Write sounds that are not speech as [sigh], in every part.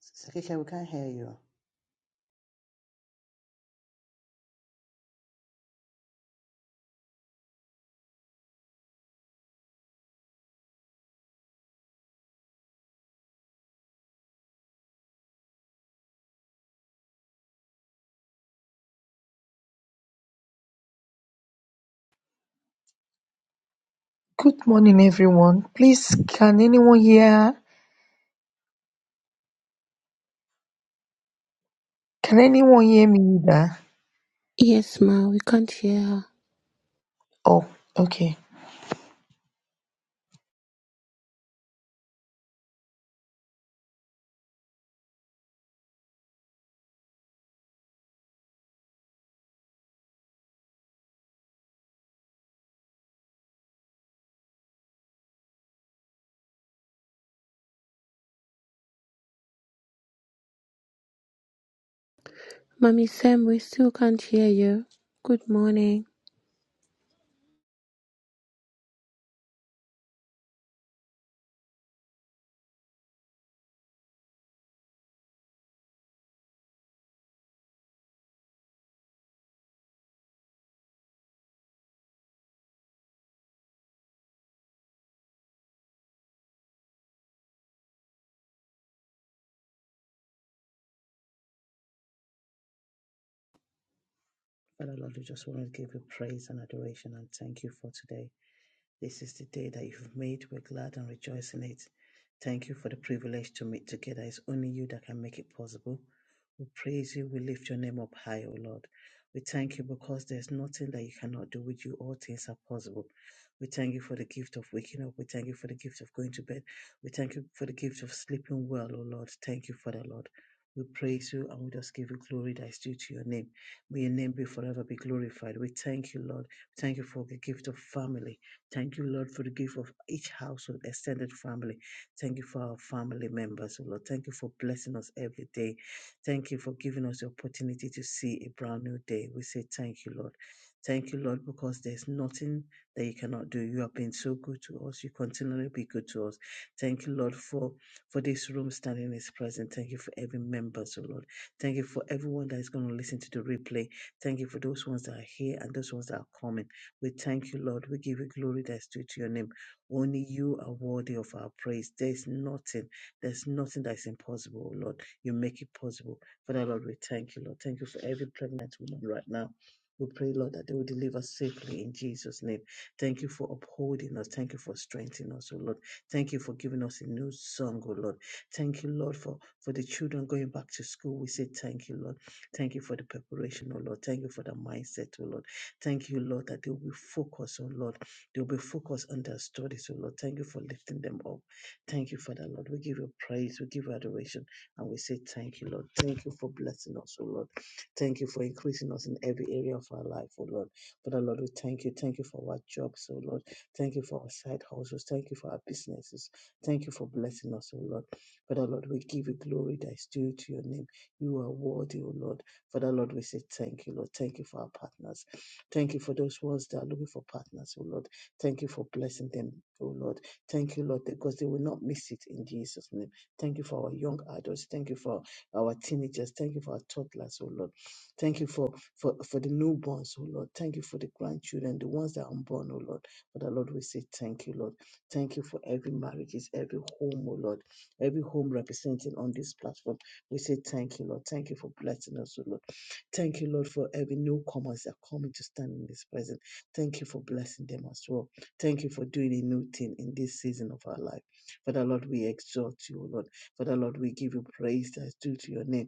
Sister Kike, we can't hear you. Good morning, everyone. Please, can anyone hear? Can anyone hear me? Either? Yes, ma, we can't hear her. Oh, okay. Mummy Sam, we still can't hear you. Good morning. Father Lord, we just want to give you praise and adoration and thank you for today. This is the day that you've made. We're glad and rejoice in it. Thank you for the privilege to meet together. It's only you that can make it possible. We praise you. We lift your name up high, O Lord. We thank you because there's nothing that you cannot do with you. All things are possible. We thank you for the gift of waking up. We thank you for the gift of going to bed. We thank you for the gift of sleeping well, O Lord. Thank you, Father, Lord. We praise you and we just give you glory that is due to your name. May your name be forever be glorified. We thank you, Lord. Thank you for the gift of family. Thank you, Lord, for the gift of each household, extended family. Thank you for our family members, oh Lord. Thank you for blessing us every day. Thank you for giving us the opportunity to see a brand new day. We say thank you, Lord. Thank you, Lord, because there's nothing that you cannot do. You have been so good to us. You continually be good to us. Thank you, Lord, for for this room standing in His presence. Thank you for every member, so Lord. Thank you for everyone that is going to listen to the replay. Thank you for those ones that are here and those ones that are coming. We thank you, Lord. We give you glory that's due to your name. Only you are worthy of our praise. There's nothing, there's nothing that's impossible, oh Lord. You make it possible. Father, Lord, we thank you, Lord. Thank you for every pregnant woman right now. We pray, Lord, that they will deliver safely in Jesus' name. Thank you for upholding us. Thank you for strengthening us, oh Lord. Thank you for giving us a new song, oh Lord. Thank you, Lord, for, for the children going back to school. We say thank you, Lord. Thank you for the preparation, oh Lord. Thank you for the mindset, oh Lord. Thank you, Lord, that they will be focused, on. Lord. They will be focused on their studies, oh Lord. Thank you for lifting them up. Thank you, Father, Lord. We give you praise, we give you adoration, and we say thank you, Lord. Thank you for blessing us, oh Lord. Thank you for increasing us in every area of our life, oh Lord. Father, Lord, we thank you. Thank you for our jobs, oh Lord. Thank you for our side hustles. Thank you for our businesses. Thank you for blessing us, oh Lord. Father, Lord, we give you glory that is due to your name. You are worthy, oh Lord. Father, Lord, we say thank you, Lord. Thank you for our partners. Thank you for those ones that are looking for partners, oh Lord. Thank you for blessing them, oh Lord. Thank you, Lord, because they will not miss it in Jesus' name. Thank you for our young adults. Thank you for our teenagers. Thank you for our toddlers, oh Lord. Thank you for, for, for the newborns, oh Lord. Thank you for the grandchildren, the ones that are unborn, oh Lord. Father, Lord, we say thank you, Lord. Thank you for every marriages, every home, oh Lord. Every home represented on this platform. We say thank you, Lord. Thank you for blessing us, oh Lord. Thank you, Lord, for every newcomers that are coming to stand in this presence. Thank you for blessing them as well. Thank you for doing a new thing in this season of our life. Father, Lord, we exalt you, O Lord. Father, Lord, we give you praise that is due to your name.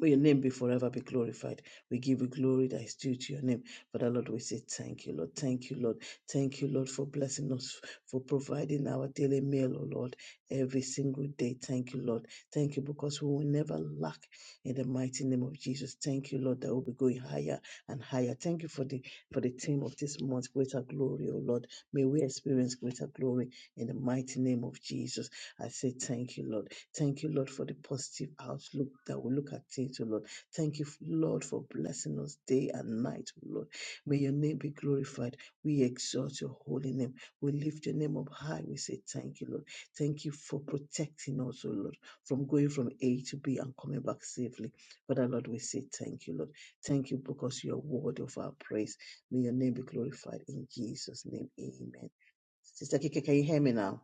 For your name be forever be glorified. We give you glory that is due to your name. Father Lord, we say thank you, Lord. Thank you, Lord. Thank you, Lord, for blessing us, for providing our daily meal, O Lord, every single day. Thank you, Lord. Thank you because we will never lack in the mighty name of Jesus. Thank you, Lord, that we'll be going higher and higher. Thank you for the for the theme of this month, greater glory, O Lord. May we experience greater glory in the mighty name of Jesus. I say thank you, Lord. Thank you, Lord, for the positive outlook that we look at it, O Lord. Thank you, Lord, for blessing us day and night, O Lord. May your name be glorified. We exalt your holy name. We lift your name up high. We say thank you, Lord. Thank you for protecting us, O Lord, from going from A to B and coming back safely. Father, Lord, we say thank you, Lord. Thank you because you are worthy of our praise. May your name be glorified in Jesus' name. Amen. Sister Kike, can you hear me now?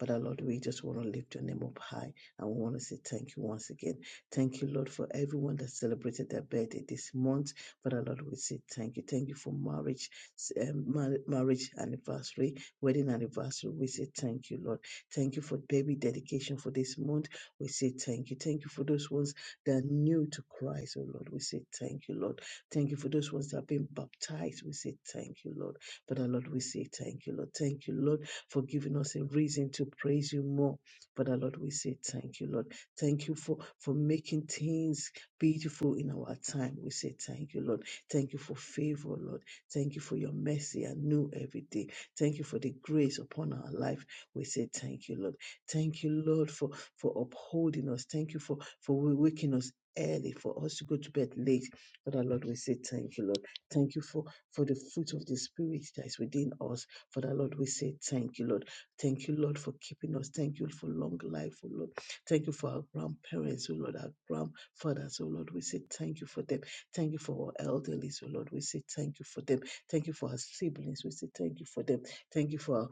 Father Lord, we just want to lift your name up high and we want to say thank you once again. Thank you, Lord, for everyone that celebrated their birthday this month. Father Lord, we say thank you. Thank you for marriage, s- um, mar- marriage anniversary, wedding anniversary. We say thank you, Lord. Thank you for baby dedication for this month. We say thank you. Thank you for those ones that are new to Christ, oh Lord. We say thank you, Lord. Thank you for those ones that have been baptized. We say thank you, Lord. Father Lord, we say thank you, Lord. Thank you, Lord for giving us a reason to praise you more. Father Lord, we say thank you, Lord. Thank you for, for making things beautiful in our time. We say thank you, Lord. Thank you for favor, Lord. Thank you for your mercy and new every day. Thank you for the grace upon our life. We say thank you, Lord. Thank you, Lord, for, for upholding us. Thank you for, for waking us early, for us to go to bed late. Father Lord, we say thank you, Lord. Thank you for, for the fruit of the Spirit that is within us. Father, Lord, we say thank you, Lord. Thank you, Lord, for keeping us. Thank you for long life, oh Lord. Thank you for our grandparents, oh Lord, our grandfathers, oh Lord. We say thank you for them. Thank you for our elderly, oh Lord. We say thank you for them. Thank you for our siblings. We say thank you for them. Thank you for our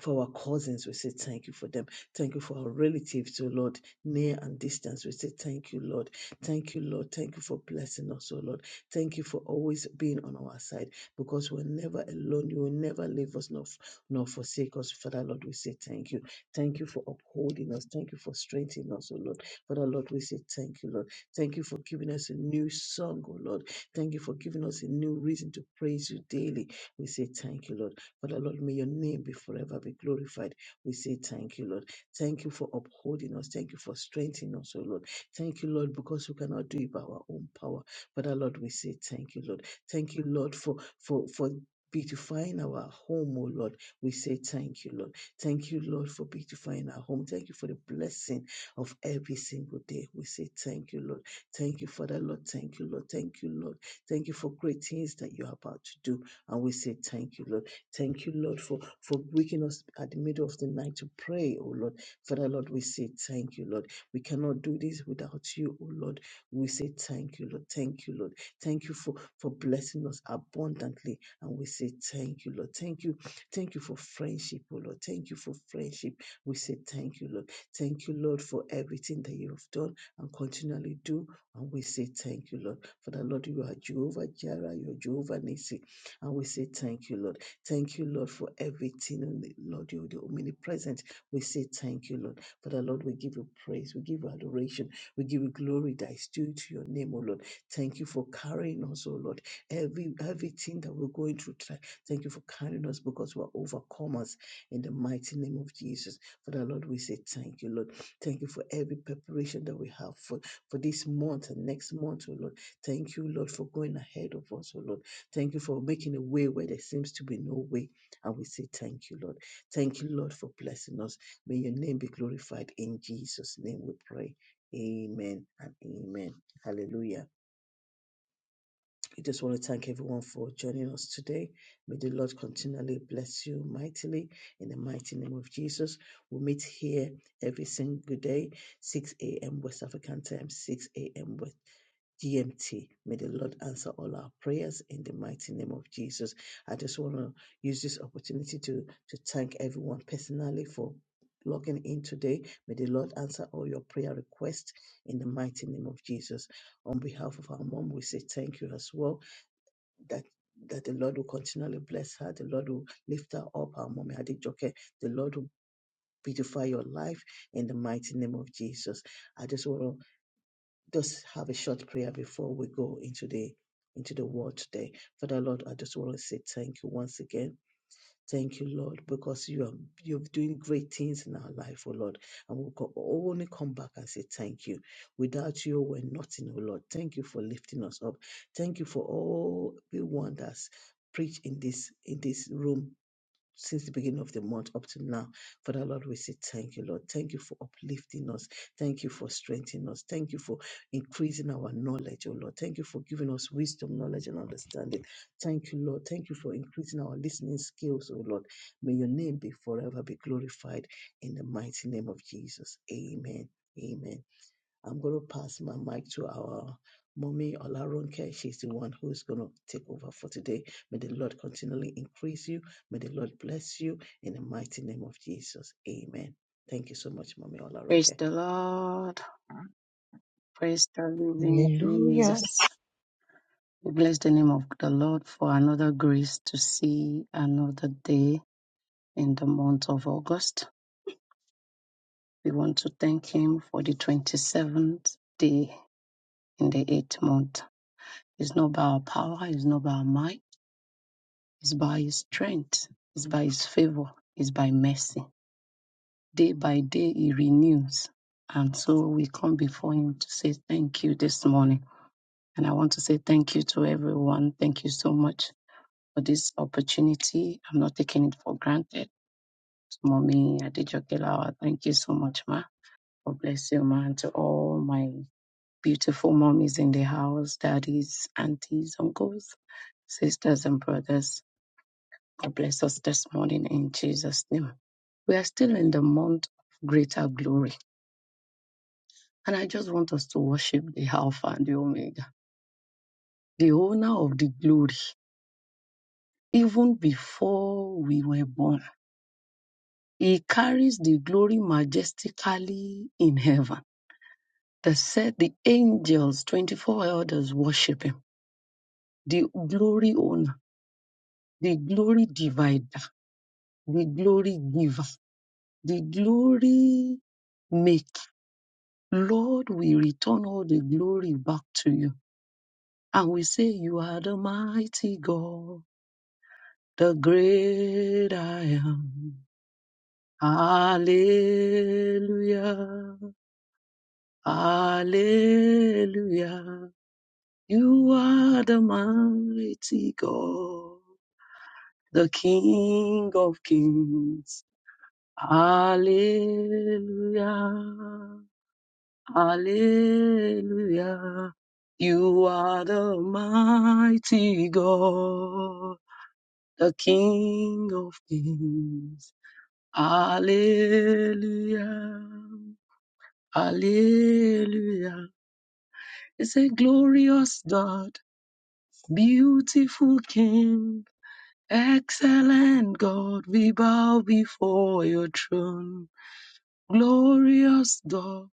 for our cousins, we say thank you for them. Thank you for our relatives, O Lord, near and distance. We say thank you, Lord. Thank you, Lord. Thank you for blessing us, O Lord. Thank you for always being on our side because we're never alone. You will never leave us nor, f- nor forsake us. Father, Lord, we say thank you. Thank you for upholding us. Thank you for strengthening us, O Lord. Father, Lord, we say thank you, Lord. Thank you for giving us a new song, O Lord. Thank you for giving us a new reason to praise you daily. We say thank you, Lord. Father Lord, may your name be forever be glorified. We say thank you, Lord. Thank you for upholding us. Thank you for strengthening us, O Lord. Thank you, Lord, because we cannot do it by our own power. Father Lord, we say thank you, Lord. Thank you, Lord, for for for beautifying our home, O Lord. We say thank you, Lord. Thank you, Lord, for beautifying our home. Thank you for the blessing of every single day. We say thank you, Lord. Thank you, Father Lord. Thank you, Lord. Thank you, Lord. Thank you for great things that you're about to do. And we say thank you, Lord. Thank you, Lord, for, for waking us at the middle of the night to pray, oh Lord. Father, Lord, we say thank you, Lord. We cannot do this without you, oh Lord. We say thank you, Lord. Thank you, Lord. Thank you for, for blessing us abundantly. And we say thank you, Lord. Thank you. Thank you for friendship, oh Lord. Thank you for friendship. We say thank you, Lord. Thank you, Lord, for everything that you have done and continually do. And we say thank you, Lord. Father, Lord, you are Jehovah Jireh, you are Jehovah Nissi. And we say thank you, Lord. Thank you, Lord, for everything. And Lord, you're the omnipresent. We say thank you, Lord. Father, Lord, we give you praise. We give you adoration. We give you glory that is due to your name, O Lord. Thank you for carrying us, O Lord. Every everything that we're going through, try- thank you for carrying us because we're overcomers in the mighty name of Jesus. Father, Lord, we say thank you, Lord. Thank you for every preparation that we have for, for this month and next month, O Lord. Thank you, Lord, for going ahead of us, O Lord. Thank you for making a way where there seems to be no way. And we say thank you, Lord. Thank you, Lord, for blessing us. May your name be glorified. In Jesus' name we pray. Amen and amen. Hallelujah. I just want to thank everyone for joining us today. May the Lord continually bless you mightily in the mighty name of Jesus. We meet here every single day, 6 a.m. West African time, 6 a.m. GMT. May the Lord answer all our prayers in the mighty name of Jesus. I just want to use this opportunity to, to thank everyone personally for logging in today. May the Lord answer all your prayer requests in the mighty name of Jesus. On behalf of our mom, we say thank you as well. That that the Lord will continually bless her. The Lord will lift her up, our mommy Adijoke. The Lord will beautify your life in the mighty name of Jesus. I just want to just have a short prayer before we go into the into the word today. Father Lord, I just want to say thank you once again. Thank you, Lord, because you are you're doing great things in our life, oh Lord. And we'll co- only come back and say thank you. Without you, we're nothing, oh Lord. Thank you for lifting us up. Thank you for all everyone that's preached in this in this room since the beginning of the month up to now. Father Lord, we say thank you, Lord. Thank you for uplifting us. Thank you for strengthening us. Thank you for increasing our knowledge, oh Lord. Thank you for giving us wisdom, knowledge, and understanding. Thank you, Lord. Thank you for increasing our listening skills, oh Lord. May your name be forever be glorified in the mighty name of Jesus. Amen. Amen. I'm going to pass my mic to our mommy Olaronke. She's the one who's going to take over for today. May the Lord continually increase you. May the Lord bless you in the mighty name of Jesus. Amen. Thank you so much, mommy Praise Olaronke. the Lord. Praise the living Hallelujah. Jesus. We bless the name of the Lord for another grace to see another day in the month of August. We want to thank Him for the 27th day in the eighth month. It's not by our power, it's not by our might, it's by His strength, it's by His favor, it's by mercy. Day by day, He renews. And so we come before Him to say thank you this morning. And I want to say thank you to everyone. Thank you so much for this opportunity. I'm not taking it for granted. Mommy Adejoke Lawa, thank you so much, Ma. God bless you, Ma. And to all my beautiful mommies in the house, daddies, aunties, uncles, sisters, and brothers. God bless us this morning in Jesus' name. We are still in the month of greater glory. And I just want us to worship the Alpha and the Omega, the owner of the glory even before we were born. He carries the glory majestically in heaven. That said the angels, 24 elders, worship him. The glory owner, the glory divider, the glory giver, the glory maker. Lord, we return all the glory back to you. And we say, You are the mighty God, the great I am. Hallelujah. Hallelujah. You are the mighty God, the King of kings. Hallelujah. Hallelujah. You are the mighty God, the King of kings. Hallelujah. Hallelujah. It's a glorious God. Beautiful King, excellent God, we bow before your throne. Glorious God,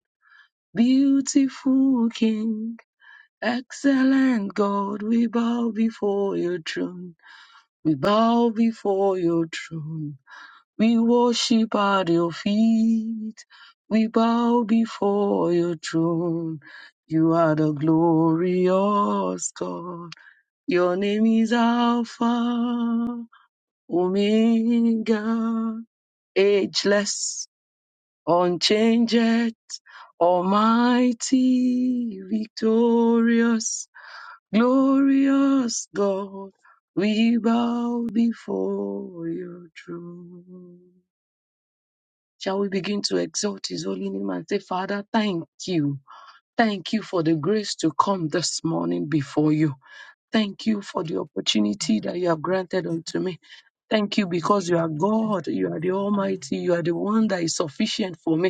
beautiful King, excellent God, we bow before your throne. We bow before your throne. We worship at your feet. We bow before your throne. You are the glorious God. Your name is Alpha. Omega, ageless, unchanged, almighty, victorious, glorious God, we bow before your throne. Shall we begin to exalt his holy name and say, Father, thank you. Thank you for the grace to come this morning before you. Thank you for the opportunity Amen. that you have granted unto me. Thank you Thank because you you are for the God, you are the kind. Almighty, you are the one that is sufficient for me.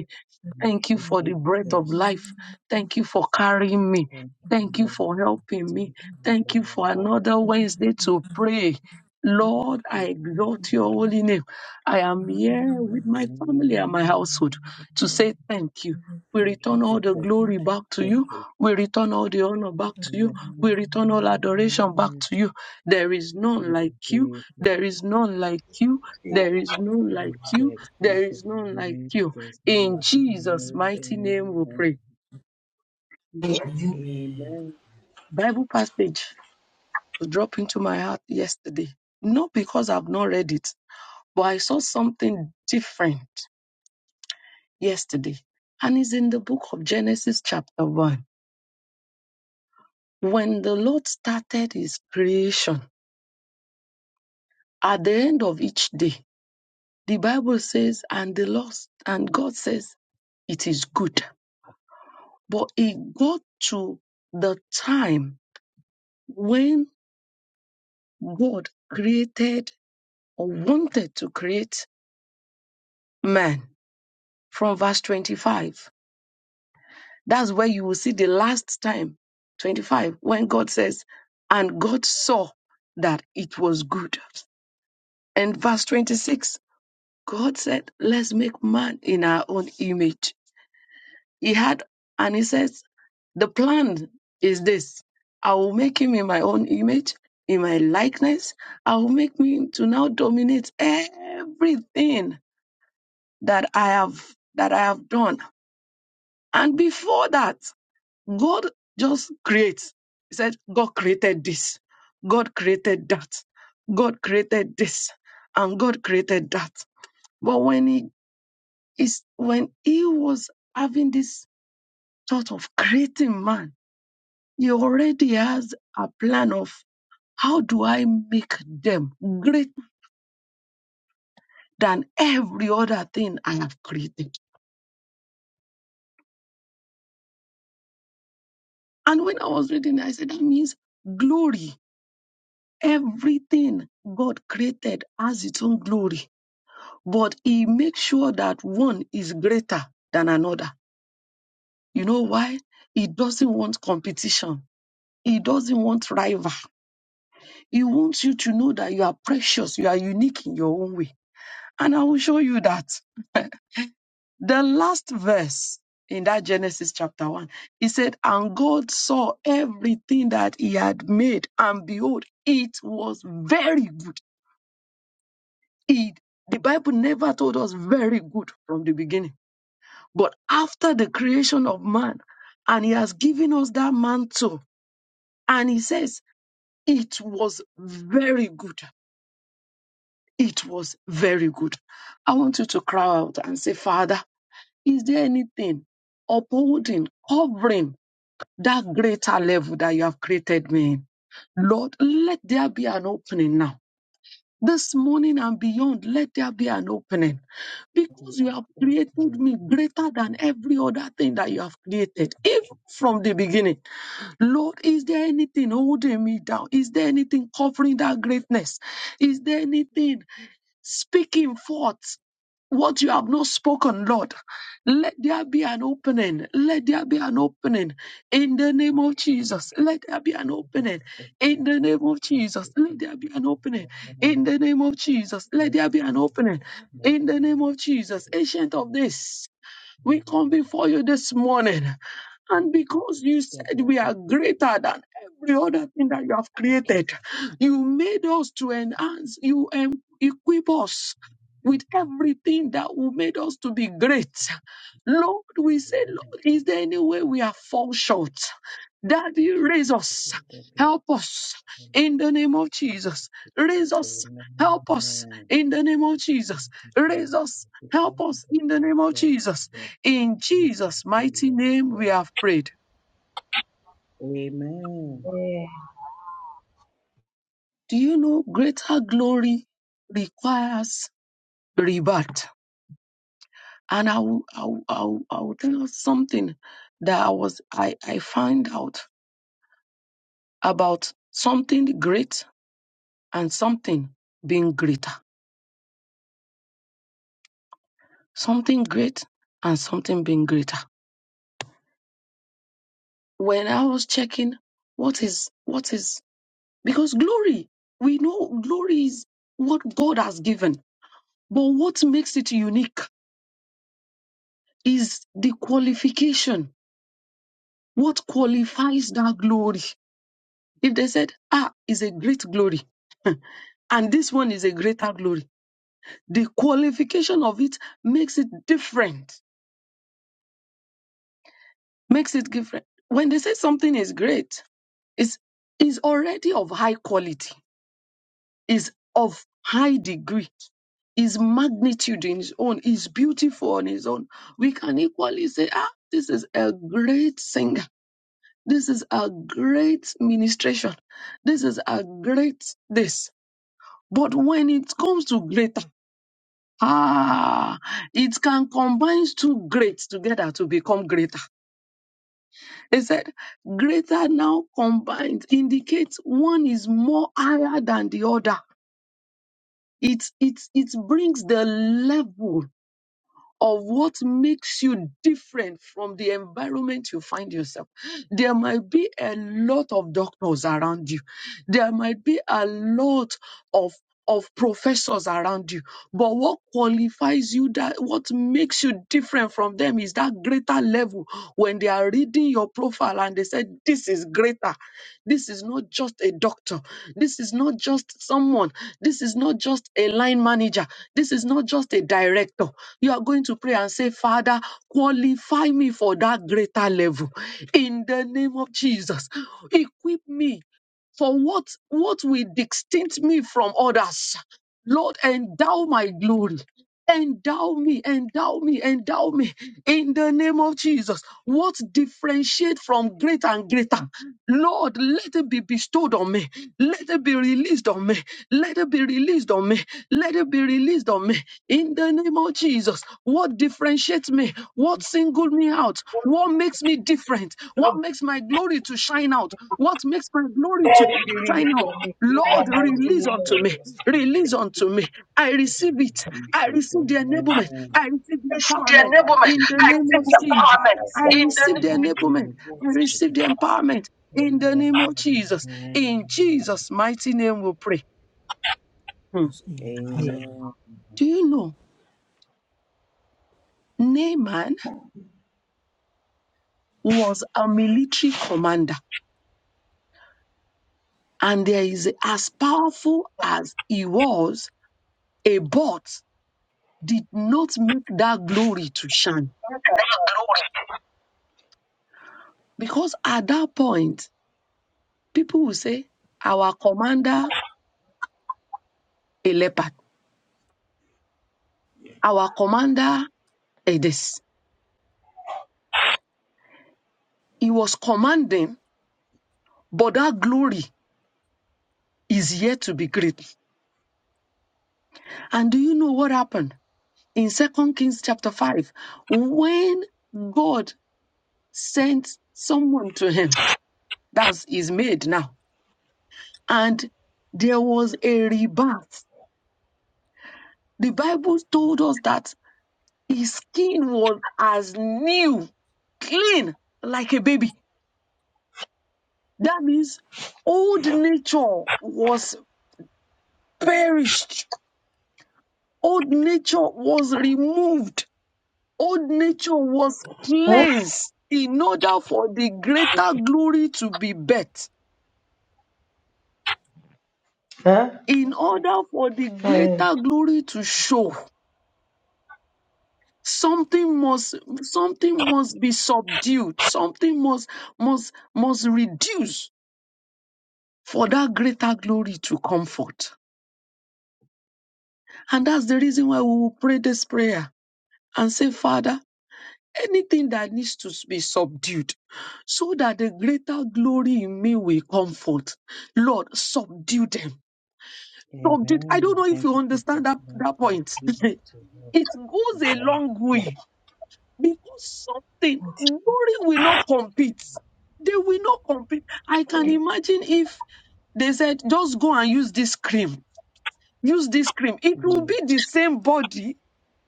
Thank Thank you you, for the breath of Jesus. life. Thank you for carrying me. Thank you, Thank you Lord. for helping me. Thank you, Thank you for Lord. another Thank Wednesday to pray. Lord, I you, Jesus. exalt your holy name. I am here with my Amen. family and my household to say thank you. We Thank you, return all the Jesus. glory back to Thank you. you. We return all the honor back to you. We return all adoration Amen. back to you. There is none Thank you, like you. Jesus. There is none like you. There is none like you. Hallelujah. Extend There your is none like you. no In like Jesus' mighty name we Amen. pray. Amen. Bible passage dropped into my heart yesterday. Not because I've not read it, but I saw something different yesterday. And it's in the book of Genesis, chapter 1. When the Lord started his creation, at the end of each day, the Bible says, and the Lord and God says, it is good. But it got to the time when God created or wanted to create man from verse 25. That's where you will see the last time, 25, when God says, And God saw that it was good. And verse 26, God said, Let's make man in our own image. He had, and he says, The plan is this I will make him in my own image, in my likeness. I will make him to now dominate everything that I have that I have done And before that, God just creates. He said, God created this. God created that. God created this. And God created that. But when he is, when he was having this thought of creating man, he already has a plan of how do I make them greater than every other thing I have created? And when I was reading, I said, that means glory Everything God created has its own glory, but He makes sure that one is greater than another. You know why? He doesn't want competition. He doesn't want rival. He wants you to know that you are precious. You are unique in your own way. And I will show you that. The last verse in that Genesis chapter 1, he said, And God saw everything that he had made, and behold, it was very good. It, the Bible never told us very good from the beginning. But after the creation of man, and he has given us that mantle, and he says, it was very good. It was very good. I want you to cry out and say, Father, is there anything upholding, covering that greater level that you have created me in? Lord, let there be an opening now. This morning and beyond, let there be an opening We because you are have created open. me greater than every other thing that you have created, even Keep from the beginning. Lord, is there anything holding me down? Is there anything covering that greatness? Is there anything speaking forth? what you have not spoken, Lord. Let there be an opening. Let there be an opening in the name of Jesus. Let there be an the opening open. in Thank the name of Jesus. Let Jesus. there be an opening Amen. in the name of Jesus. Let God there be an opening make in the name of Jesus. it. Ancient of this, we come before you this morning. And because you Let there be said an we are open door. greater than every other thing that you have Thank you. created, you made us to enhance, you um, equip us with everything that will made us to be great. Lord, we say, Amen. Lord, is Thank there any way we are fall short? Daddy, you, raise Jesus. us. Let there be an open door. Help us in the name of Jesus. Raise us. Help us Amen. in the name of Thank Jesus. you, Raise Jesus. us. We Help can't us do in the it name of ourselves, Jesus. but In we Jesus' mighty can name, so we have prayed. Amen. Do you know greater glory requires rebirth? And I will, I will, I will, I will tell you something that I was I, I find out about something great and something being greater. Something great and something being greater. When I was checking what is what is because glory, we know glory is what God has given, but what makes it unique? is the qualification. What qualifies that glory? If they said, ah, is a great glory, [laughs] and this one is a greater glory, the qualification of it makes it different. Makes it different. When they say something is great, it's, it's already of high quality, is of high degree, is magnitude in its own, is beautiful on its own. We can equally say, ah, this is a great singer This is a great ministration. This is a great this. But when it comes to greater, ah, it can combine two greats together to become greater. It said greater now combined indicates one is more higher than the other. It it it brings the level of what makes you different from the environment you find yourself. There might be a lot of doctors around you. There might be a lot of of professors around you. But what qualifies you that what makes you different from them is that greater level when they are reading your profile and they say, This is greater. This is not just a doctor. This is not just someone. This is not just a line manager. This is not just a director. You are going to pray and say, Father, qualify me for that greater level in the name of Jesus. Equip me for what, what will distinct me from others. Lord, endow my glory. Endow me, endow me, endow me in the name of Jesus. What differentiate from greater and greater? Lord, let it be bestowed on me. Let it be released on me. Let it be released on me. Let it be released on me. In the name of Jesus, what differentiates me? What singled me out? What makes me different? What makes my glory to shine out? What makes my glory to shine out? Lord, Jesus, amen. release unto Thank me. Release unto me. I receive it. you, I receive the enablement. I receive the receive the empowerment. enablement. In the I Jesus, name receive of for the Jesus, empowerment I in the receive the name enablement. I receive the the empowerment. In the Amen. name of Jesus. Amen. In Jesus' mighty name, we pray. Hmm. just amen. Amen. Do you know Naaman? was a military commander. And there is as powerful as he was, a bot did not make that glory to shine. of the Lord. Because at that point, people will say, Our commander, a leopard, our commander, a this. He was commanding, but that glory is yet to be great. And do you know what happened? In Second Kings chapter 5, when God sent someone to him, that's his maid now and there was a rebirth. The Bible told us that his skin was as new, clean, like a baby. That means old nature was perished, old nature was removed, old nature was Huh? cleansed in order for the greater glory to be birthed, Huh? in order for the Huh? greater glory to show. something must something must be subdued something must must must reduce for that greater glory to come forth. and that's the reason why we will pray this prayer and say father anything that needs to be subdued so that the greater glory in me will comfort lord subdue them subdue i Amen. don't know if Thank you you, Jesus. understand that, Thank that you, point [laughs] Jesus, it to us. goes a Amen. long way because something glory will not compete they will not compete i can imagine if they said just go and use this cream use this cream it will Mm. be the same body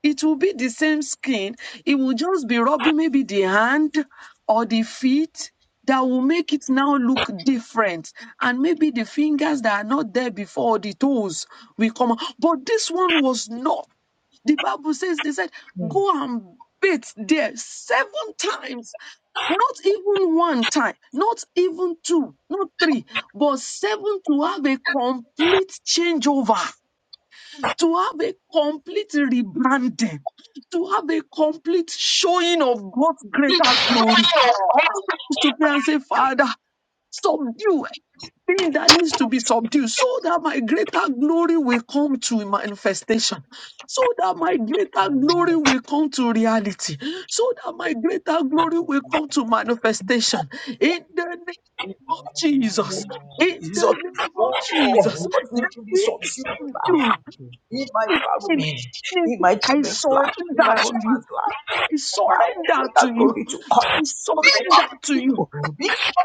it will be the same skin it will just be rubbing maybe the hand or the feet that will make it now look different and maybe the fingers that are not there before or the toes will come out. but this one was not the Bible says they said, Hmm. go and bathe there seven times, not even one time, not even two, not three, but seven to have a complete changeover, to have a complete rebranding, to have a complete showing of God's greater glory. I want us to pray and say, Father, Subdue everything that needs to be subdued so that my greater glory will come to manifestation so that my greater glory Amen. will come to reality so that my greater Thank glory you, will come Jesus. to manifestation in the name of Amen. jesus Amen. in Jesus, the oh Thank name of God, jesus what need that to be we subdued you, Jesus. Thank subdue you, Jesus. in my in family, anything my children, Thank i surrender to my you I surrender to you. glory to come I surrender to you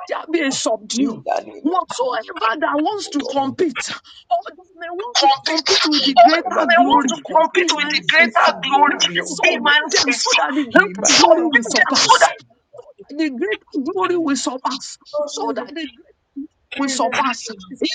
shall be subdued. in the name Whatsoever that you, wants Jesus. to compete, or that may want to of compete compete. with the Oh, greater they want glory to compete in with my the greater life, glory Lord, in subdue my life, them so that the life. greater glory Thank will them you, so Jesus. surpass. The greater glory Amen. will surpass. So that the will surpass in the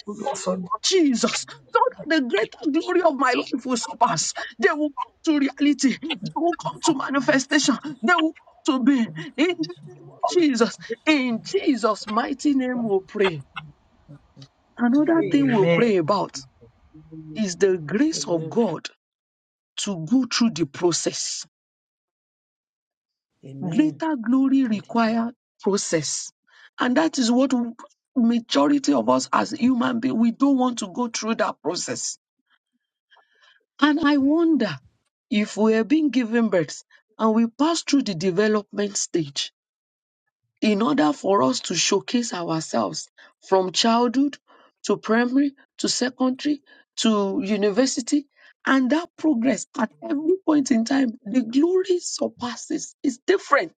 that name of Jesus. So Amen. that the greater glory of my life will surpass. They will come to reality. They Father, will thank you come to very much, manifestation. Jesus. They will come to be in Father, the thank name you so much. of Jesus. Father, thank In you Jesus' mighty name, we'll pray. for Another your thing Amen. name, Lord, we'll Amen. pray about Amen. is the grace of Amen. God to go through the process. Amen. Amen. Greater glory Thank you, Jesus. require process. And that is what majority of us as human beings, we don't want to go through that process And I wonder if we are being given birth and we pass through the development stage in order for us to showcase ourselves from childhood to primary to secondary to university. And that progress at every point in time, the glory surpasses, it's different.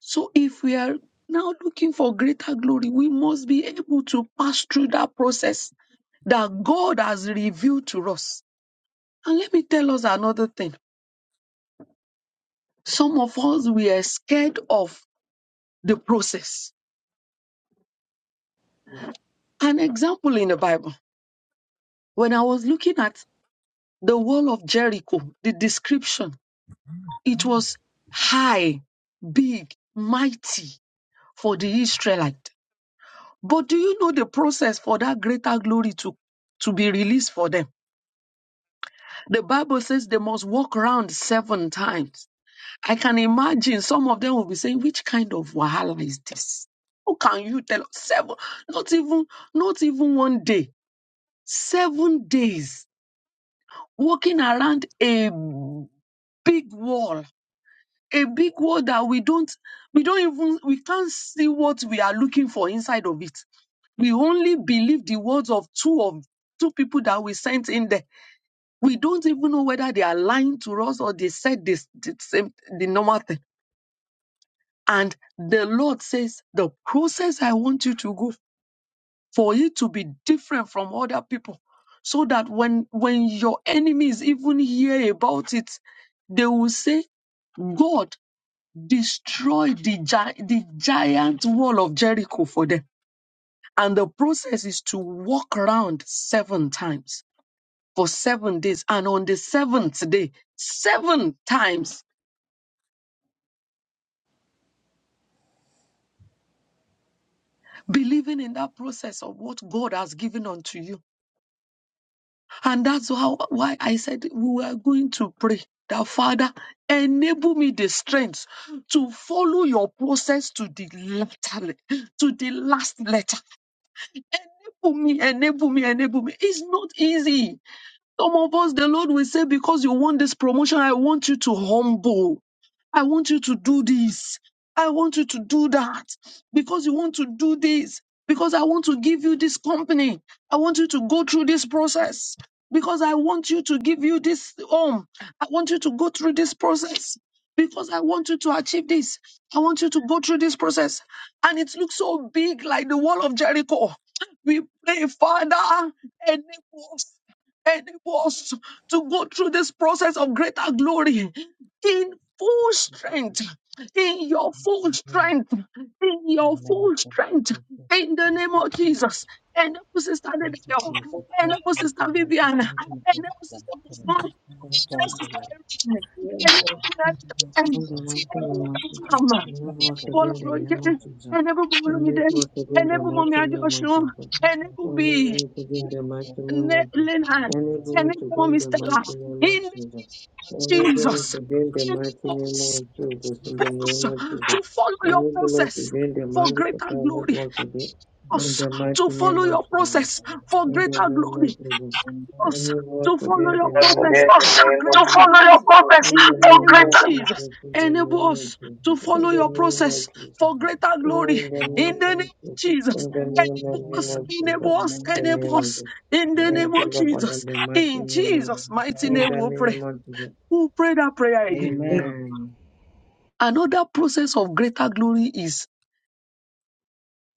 So if we are now looking for greater glory, we must be able to pass through that process that God has revealed to us. And let me tell us another thing Some of us, we are scared of the process. An example in the Bible, when I was looking at the wall of Jericho, the description, it was high, big, mighty for the Israelite. But do you know the process for that greater glory to, to be released for them? The Bible says they must walk around seven times. I can imagine some of them will be saying, which kind of wahala is this? How can you tell us seven, not even, not even one day, seven days walking around a big wall, a big wall that we don't, we don't even, we can't see what we are looking for inside of it. We only believe the words of two of two people that we sent in there. We don't even know whether they are lying to us or they said this, the same, the normal thing And the Lord says, the process I want you to go for it to be different from other people. So that when, when your enemies even hear about it, they will say, God destroyed the, gi- the giant wall of Jericho for them. And the process is to walk around seven times for seven days. And on the seventh day, seven times, believing in that process of what God has given unto you And that's how, why I said we were going to pray that Father, enable me the strength to follow your process to the letter, to the last letter. Enable me, enable me, enable me. It's not easy. Some of us, the Lord will say, because you want this promotion, I want you to humble. I want you to do this. I want you to do that. Because you want to do this. Because I want to give you this company. I want you to go through this process. Because I want you to give you this home. I want you to go through this process. Because I want you to achieve this. I want you to go through this process. And it looks so big, like the wall of Jericho. We pray, Father, enable us enable us to go through this process of greater glory in full Thank you, strength, Jesus. in your full Amen. strength, in your Amen. full Thank you, strength, Jesus. in the Thank name you, of Jesus. Enable Sister Thank you, Nadeo, Jesus. Help enable us, O Sister Lord. We Viviana, come to know enable Sister God. In Muslim, the Help name of enable us, Jesus. O Sister Lord. Erin, Thank you, enable Jesus. In the name of Nadeo, In Jesus. the Thank you, mighty name Lord. of enable Jesus. Mama, Thank you, In Enable us to Jesus. be Paula in the Thank name you, Roger, of Lord. Jesus. enable Mommy Thank Day, Enable you, us to be in the enable Jesus. Mommy mighty name of Adeosun, Jesus. Thank you, Lord. enable Enable B. me to be in Help us, the mighty Lord. name of Thank Le- you, Jesus. Jesus. Thank you, Jesus. Leonard, Enable can me to anyone be in mommy the Stella, mighty name in of Jesus. Thank Enable me Jesus, to be the in name the can mighty you name of us of us Jesus. to follow In the name your of Jesus. Enable us to process be for greater Jesus. glory? in Us the you, to mighty name Enable us to be in the mighty follow name of Jesus. your Jesus. process Thank for In you, the greater Jesus. name glory of Jesus. Amen. Thank us Enable us to to be follow in your the name process of for to greater Jesus. follow your glory. purpose In In the for the name name of of greater, Jesus, Jesus, in the enable name of us you, to Jesus, Jesus. in follow the Thank your you, name Jesus. of process Jesus, for Amen. greater in glory. Amen. In the name of Jesus, the Amen. name enable us, Amen. of enable us, Jesus, in the Amen. enable name us. In the and name of Jesus, in the name of Jesus. Thank name you, of Lord, for Jesus, the mighty in name of, Jesus' mighty in name, the we pray. name of Jesus. We'll pray that prayer again. Amen. Amen. Another process of greater glory is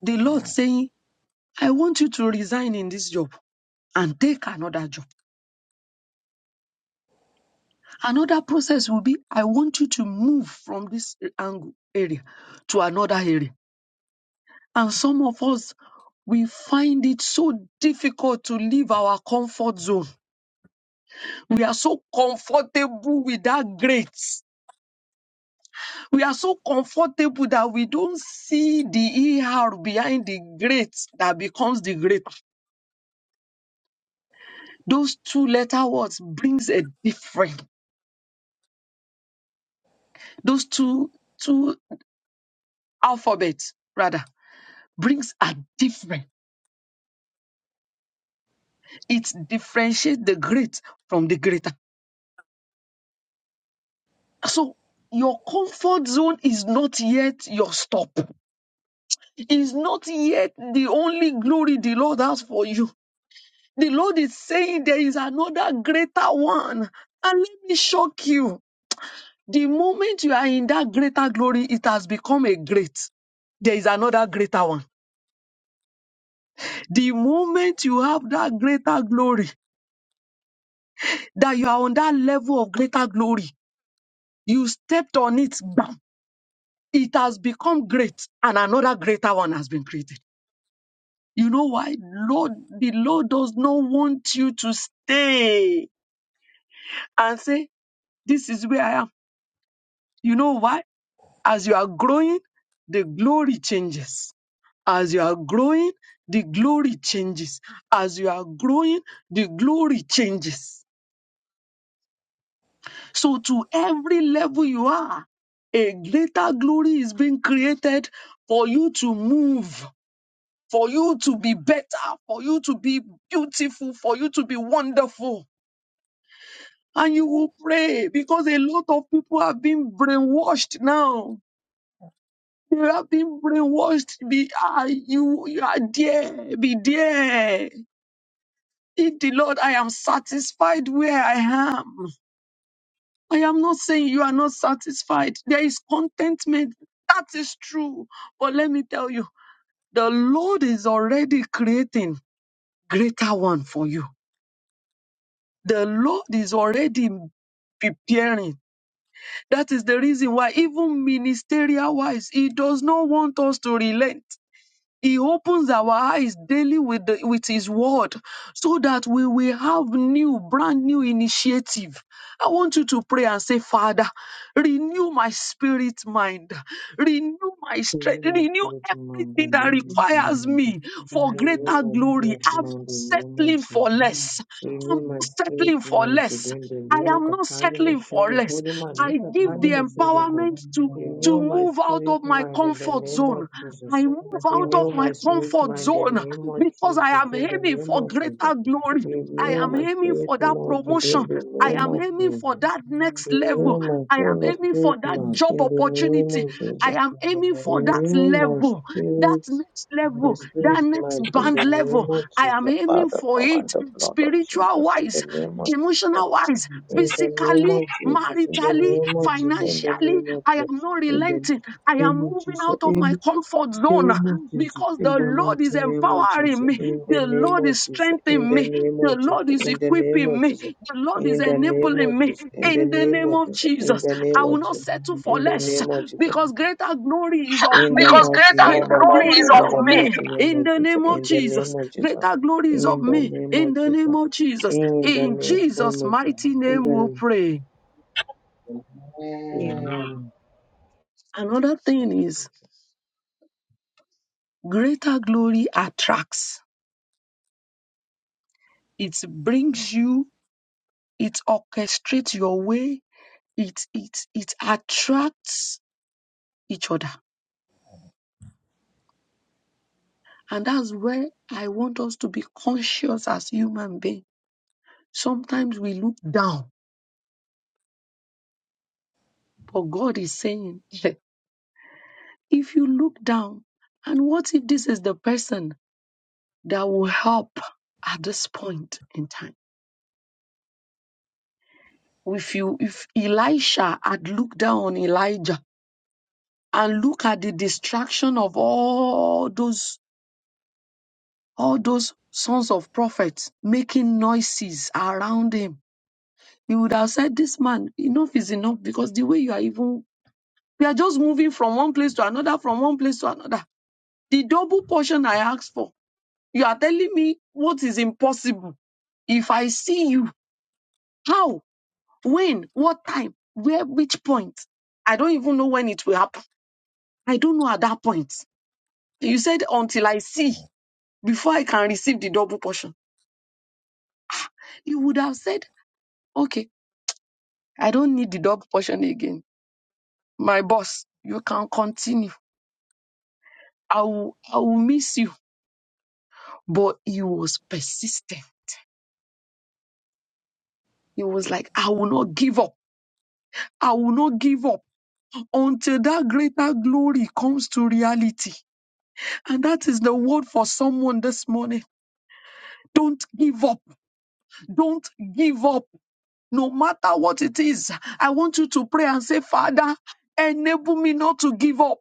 the Lord saying, I want you to resign in this job and take another job. Another process will be I want you to move from this angle area to another area. And some of us we find it so difficult to leave our comfort zone. We are so comfortable with that grace. We are so comfortable that we don't see the ER behind the great that becomes the great. Those two letter words brings a different. Those two two alphabets rather brings a different. It differentiates the great from the greater. So your comfort zone is not yet your stop. Is not yet the only glory the Lord has for you. The Lord is saying there is another greater one. And let me shock you. The moment you are in that greater glory, it has become a great there is another greater one. The moment you have that greater glory, that you are on that level of greater glory, you stepped on it, Bam. it has become great and another greater one has been created. You know why? Lord, the Lord does not want you to stay and say, This is where I am. You know why? As you are growing, the glory changes. As you are growing, the glory changes. As you are growing, the glory changes. So, to every level you are, a greater glory is being created for you to move for you to be better, for you to be beautiful, for you to be wonderful. And you will pray because a lot of people have been brainwashed now. They have been brainwashed. Be ah, you, you are there, be there. In the Lord, I am satisfied where I am. I am not saying you are not satisfied. There is contentment. That is true. But let me tell you, the Lord is already creating greater one for you. The Lord is already preparing. That is the reason why, even ministerial wise, He does not want us to relent. He opens our eyes daily with, the, with His word so that we will have new, brand new initiative. I want you to pray and say, Father, renew my spirit mind, renew my In the strength, name of renew Jesus, in the everything name of that requires Jesus, me for Renew greater my glory. spirit, I'm man, not renew my settling for Jesus. less. I'm Renew not my spirit, settling for man, less. today in the I name of am not Kapali settling for Moshingo less. Godi Mani, I give Kapali the Moshingo Go. empowerment to, to Renew my move out spirit, of my man, in the comfort name of zone. I Jesus. move out Renew of my my spirit, comfort man, in the zone name of because I Jesus, am in the aiming name for of Jesus. greater glory. I Renew am my aiming spirit, for that man, today in promotion. the I name am of aiming for Jesus. that next level. Renew my I am soul, aiming for spirit, that man, job in the name opportunity. of I Jesus. am aiming for that Renew my level, that spirit, next my level, spirit that Thank next mind in band the name level. of I am Jesus, aiming Father, for power and it the blood of spiritual Jesus, in the wise name of Jesus, emotional wise, you, Jesus. in the name physically, of Jesus, in the maritally, name of Amen. financially. I am Jesus, not in the relenting. I name am of moving Jesus, out of in my comfort the zone name of Jesus, because in the the name Lord of Jesus, in is the mighty name of empowering Jesus, me. in the The name Lord of is Jesus, in strengthening the me. name The of Jesus, Lord is in the name equipping of me. Jesus, The Lord is in the name enabling of me. Jesus, in the In the name name of of Jesus, in Jesus, the name I will of not Jesus, settle for in the less name of Jesus. because greater glory is of In the me. because mighty greater name Greater of glory Jesus, is glories of in of the me I me mighty name in of the Jesus, name of in the Jesus. name of Jesus, Greater glories of in the me name in of the name Jesus, of Jesus. in the In name Jesus' of Jesus, mighty in name the we name. pray. Amen. Another Thank thing you, is Jesus. greater glory attracts. It brings you, it orchestrates your way, it it it attracts each other. And that's where I want us to be conscious as human beings. Sometimes we look down, but God is saying [laughs] If you look down, and what if this is the person that will help at this point in time? If you, if Elisha had looked down on Elijah and look at the distraction of all those, all those sons of prophets making noises around him, he would have said, this man, enough is enough because the way you are even, we are just moving from one place to another, from one place to another. The double portion I asked for You are telling me what is impossible. If I see you, how, when, what time, where, which point? I don't even know when it will happen. I don't know at that point. You said until I see, before I can receive the double portion. You would have said, okay, I don't need the double portion again. My boss, you can continue. I will, I will miss you. But he was persistent. He was like, I will not give up. I will not give up. until that greater glory comes to reality. And that is the word for someone this morning. Don't give up. Don't give up. No matter what it is, I want you to pray and say, Father, enable me not to give up.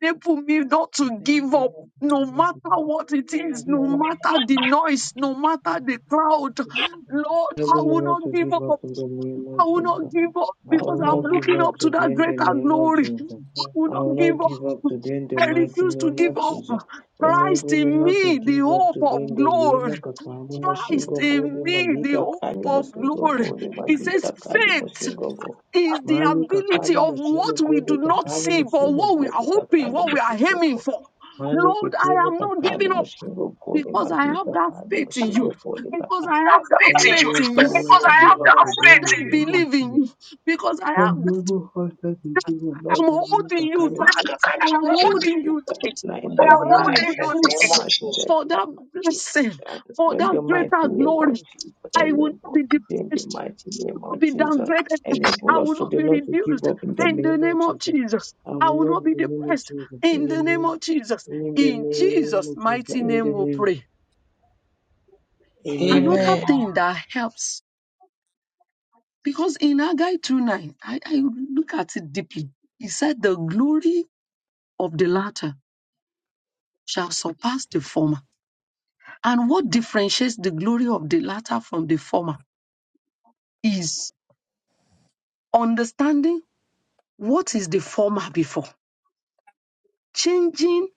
Enable me not We're to give up. No matter what it is, no matter the noise, no matter the crowd, I Lord, do I not will want not to give give up up. in the name I of will Jesus. not give up I because not will than I'm not giving give looking up from up to today Lord, that in the greater name of glory. Jesus. I people, will I not will not not give the up. give up people, today in the I mighty refuse to name people are give of up. Jesus. Christ Enable me taking in from not to me, the give up people hope today in of from the us, name glory. of Kakali Christ Moshingo Godi in me, the Malika hope Kali of Moshingo glory. Godi It says Malika Kali faith Moshingo Godi. is the Mani ability kakali of what moshingo we godi do not kakali see, but moshingo what we are godi hoping, kakali what we are moshingo aiming godi. for. Mani Lord, I kikini am not kakali giving up moshingo godi because I mali have that kakali faith in you, moshingo godi because kakali. I have that And faith in it you. faith was in so you, not because to I have give up because I that today have in faith the that name of belief Jesus. in you, because I have that. Enable us to give you, Lord, I'm the money holding to in you, you kind of tight. blessings. I am Let me holding pray you that tight now we in the are for name that of holding you Jesus, the tight goodness, mighty let for the that light to blessing, shine. for In that the mighty greater name glory. of Jesus, I and will the not Lord, be in the depressed. mighty I name will not of be Jesus, downgraded. I enable us will not today be not to give reduced up in the in the name of name of Jesus. Jesus. I I will will not not in be the name of depressed Jesus, in in the the name name, of Jesus. in the In name Jesus' of Jesus, mighty in the name we name, pray. Another Amen. Amen. thing that helps, because in Haggai two nine, I, I look at it deeply. He said the glory of the latter shall surpass the former. And what differentiates the glory of the latter from the former is understanding what is the former before. Changing,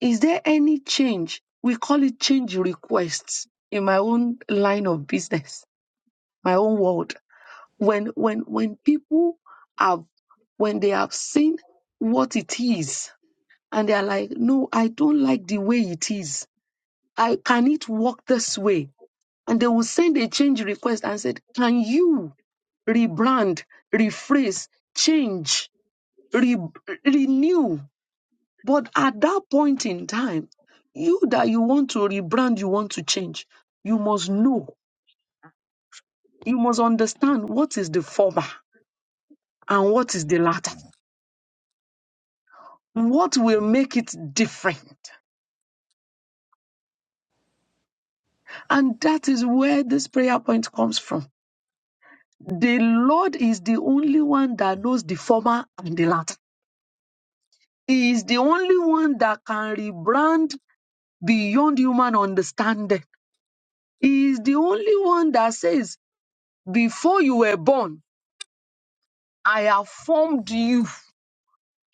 is there any change? We call it change requests in my own line of business, my own world. When when when people have when they have seen what it is and they are like, no, I don't like the way it is. I can it work this way? and they will send a change request and said, "Can you rebrand, rephrase, change, re- renew?" But at that point in time, you that you want to rebrand, you want to change, you must know, you must understand what is the former and what is the latter. What will make it different? And that is where this prayer point comes from. The Lord is the only one that knows the former and the latter. He is the only one that can rebrand beyond human understanding. He is the only one that says, Before you were born, I have formed you.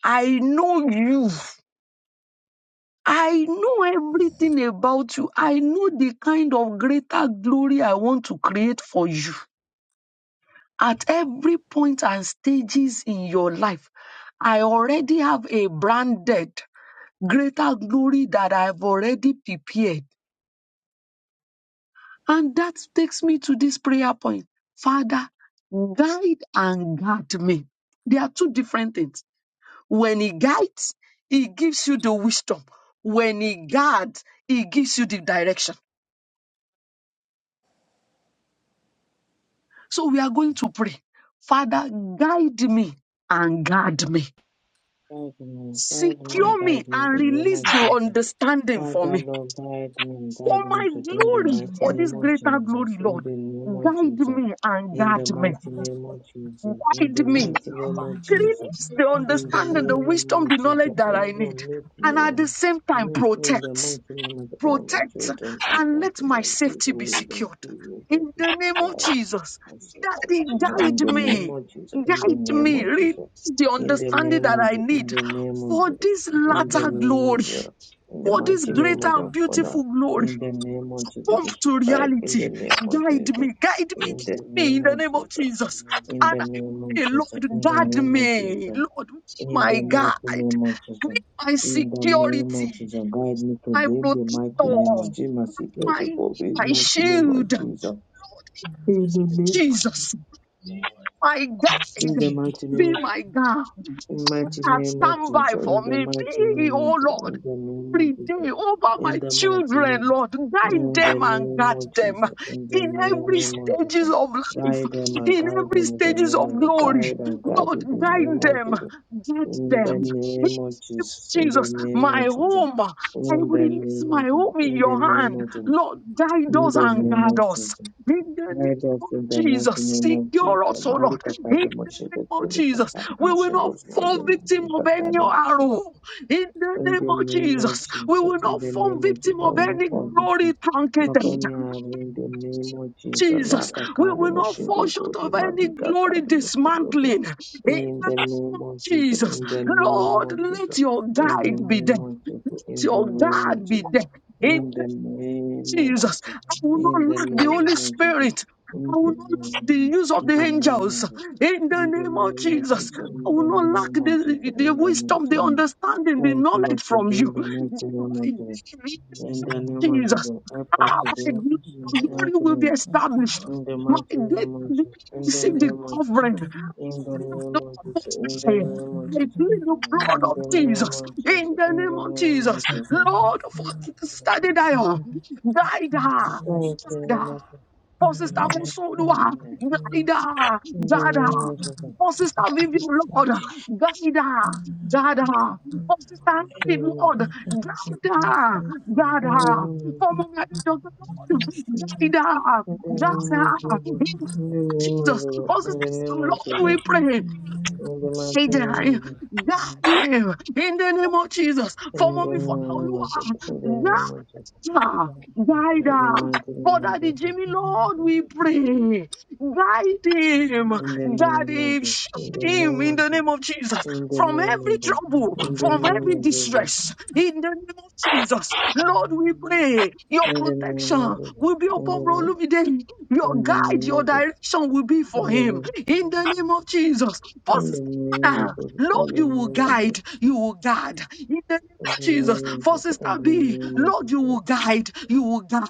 I know you. I know everything about you. I know the kind of greater glory I want to create for you. At every point and stages in your life, I already have a branded greater glory that I've already prepared And that takes me to this prayer point. Father, guide and guard me. They are two different things. When he guides, he gives you the wisdom. When he guards, he gives you the direction. So we are going to pray. Father, guide me and guard me. Guide me, guide me, and Secure me guide me in and the name release of the Jesus. understanding for Father, me. Lord, guide me and For guide me my today in the glory, mighty for this name of greater Jesus. glory, In Lord. the Thank name of Guide Jesus. me and In the guard me. mighty name of Jesus. In Guide the me mighty name of Jesus. Release the In the understanding, the name wisdom, of the Jesus, knowledge that oh I Lord, need. make me, And at the whole. same time, make me the protect, mighty name of all my protect, children and and let my grandchildren, be safety the be Lord and secured. be with of In this the name of tribe. Jesus, As a Daddy, testimony in guide the name me, of Jesus, in the guide name me, of release Jesus, the in the understanding name that of I Jesus, in need the name of for Jesus, this in the people latter who are name of glory, Jesus, in the for this mighty name greater of the and taking Father, beautiful glory. in the from name us. of Jesus, Come this to tribe, in the reality. name of Guide Jesus, me, guide me, in the guide Amen, amen, me name in the of name of Jesus, Jesus. amen, amen, in And the I name of pray, Jesus, Lord, in the guard name of me. Jesus. Lord, be In my the mighty guide, name of be Jesus. my In the name security, of Jesus. Guide me my today. In the mighty name protector, of Jesus. My secret my, hope in the my amen. mighty name of shield. Lord Jesus. In the Thank you, name. Jesus, my guide, In the mighty be name. my guide. In the mighty Lord, name of stand Jesus. by In for the me. mighty Be, name of oh Jesus. Lord, In the name every of day Jesus. over my In the mighty children, name. Lord. Guide In the them and name guard of them Jesus. In the in every name Amen. of stages Jesus. of life, Guide them and in guide every them in the stages name of of Jesus. glory. Guide and guide Lord, in the guide name of them, Jesus. guard In the them. name of In Jesus, in the Jesus, name my of Jesus, home, I in the release name my of Jesus, home in in the your name hand. of Jesus, Lord, guide in us the and name guard of us. Jesus. In the name Guide us of in the mighty Jesus, name of Jesus. secure us, oh Mali Lord. In the katade name moshego of poli Jesus. katade We will not moshego poli fall victim mali of any katade arrow in the in name the of name of Jesus. We Jesus, will in not the fall name of Jesus, victim I of will not any forget glory you. Not truncated. only I will, in the name of Jesus, Jesus, Laka we Kali will not fall short Moshingogo, the of any Madika glory Kali Moshingo God. dismantling. In the name In the of name of Jesus, Jesus, in the name Lord, of let Jesus, your in the guide be there. name of Jesus, Let in the your name of guard be there. In. Jesus, Jesus, I will not in the lack the Holy name of Jesus, Spirit. in I the will name of not lack Jesus, the in use of the the name, angels. In the in the name of name of Jesus, Jesus, I in the will name of Jesus, in the not name lack of the, Jesus, the in the name of wisdom, the Jesus. understanding, the Thank you, Lord, knowledge to from bring you. the mighty Day by one day, of in God. the name In the of name of Jesus, Jesus, help us ah, today. my In gl- the glory mighty will be name, established. in the My mighty data name of will Jesus, in the receive the name of Jesus, covering in the covering name of Jesus, I plead the blood in the name of Jesus, in of the name Jesus of Jesus, in in the the name of name of Jesus. Jesus. Lord, for study Dio, Dida, Thank you, Dada, Lord, my God. for Sister Musodua, Dida, in the Dada, name of Jesus. for Sister Vivian, Lord, Dida, Dada, for Sister Harry, Lord, Amen. Dida, Dada, for Mama Joseph, Lord, Dida, Dada, In the name, in Jesus, the name, of- for you. in Sister the name Sam, of Lord, we Thank Jesus, pray. in the name of Jesus, in the name of Jesus, in the Say mighty that, name guard of Jesus, in the name of Jesus. For in the mommy, for name of Jesus, in the Oluwa, name of Jesus. Ah, guide In the her. mighty name Father, of the Jesus. Jimmy Lord, we pray. Guide him, In the guide name of him, Jesus. In the shield him name in of the Jesus. name of Jesus In the from name every of Jesus. trouble, In the from name every of Jesus. distress. In the name of Jesus, Lord, we pray. Your In the protection will be upon name Rolumide. Your guide, your of Jesus. direction will be In for the him. name. In the name of Jesus, for In the name of Sister, Jesus. In Lord, the you will guide, name. you will guard In the name In the Jesus, name of for Jesus. In the name of Jesus. In the name of Jesus. In Sister the B, name of Lord, you Jesus. will guide, you will guide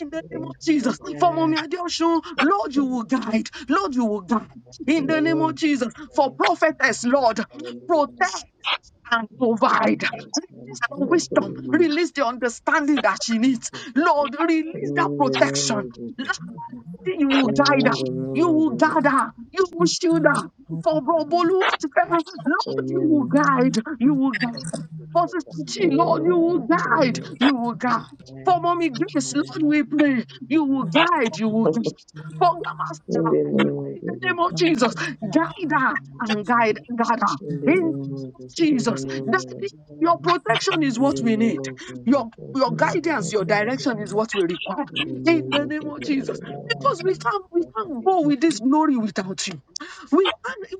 in the In the name of Jesus. For Mommy Adeosun, Lord, you name. will guide, Lord, you will guide in the name of Amen. Jesus. For prophetess, Lord, protect and provide. In Release the wisdom, Hallelujah. release the understanding that she needs. Lord, The Amen. release name that in the name protection of Jesus. that you will guide her. Amen. The name You will gather, you will shield her. For Brobolu at fair, Lord, you will guide, you will guide. For Sister Chi, Lord, of you will Jesus. guide, Amen. you will guide. For Mommy Grace, Lord, we pray, you will guide, you will Amen. [laughs] guide. For Grandma In Stella, the I name pray of in the Jesus. name of Jesus, guide her and guide, guide her. In In the the name name of of Jesus. In the Jesus, that is- your protection is what we name need. of Jesus. Your In the your name of Jesus. Thank you, Lord, for my guidance, your time. direction is what we require. In the In name the of name Jesus. of In the name Jesus of because we Jesus. can't we can't go with this glory without you. We can't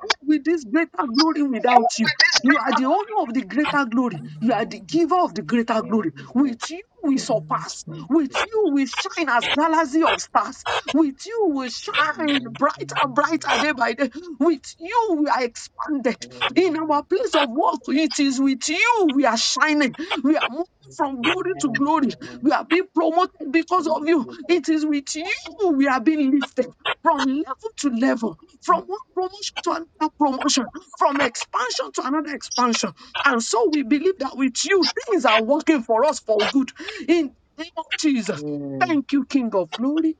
go with this greater glory without you. with this You are paper. the owner of the greater glory. You are the giver of the greater glory. With you we surpass. Thank With you, you we shine as galaxy of stars. With you we shine brighter and brighter day by day. With you we are expanded. In our place of work, it is with you we are shining. We are moving from glory to glory. We are being promoted because of you. It Jesus. is with you we are being lifted from level to level, from one promotion to another promotion, from expansion to another expansion. And so we believe that with you, things are working for us for good. In the name of Jesus, Amen. thank you, King of Glory.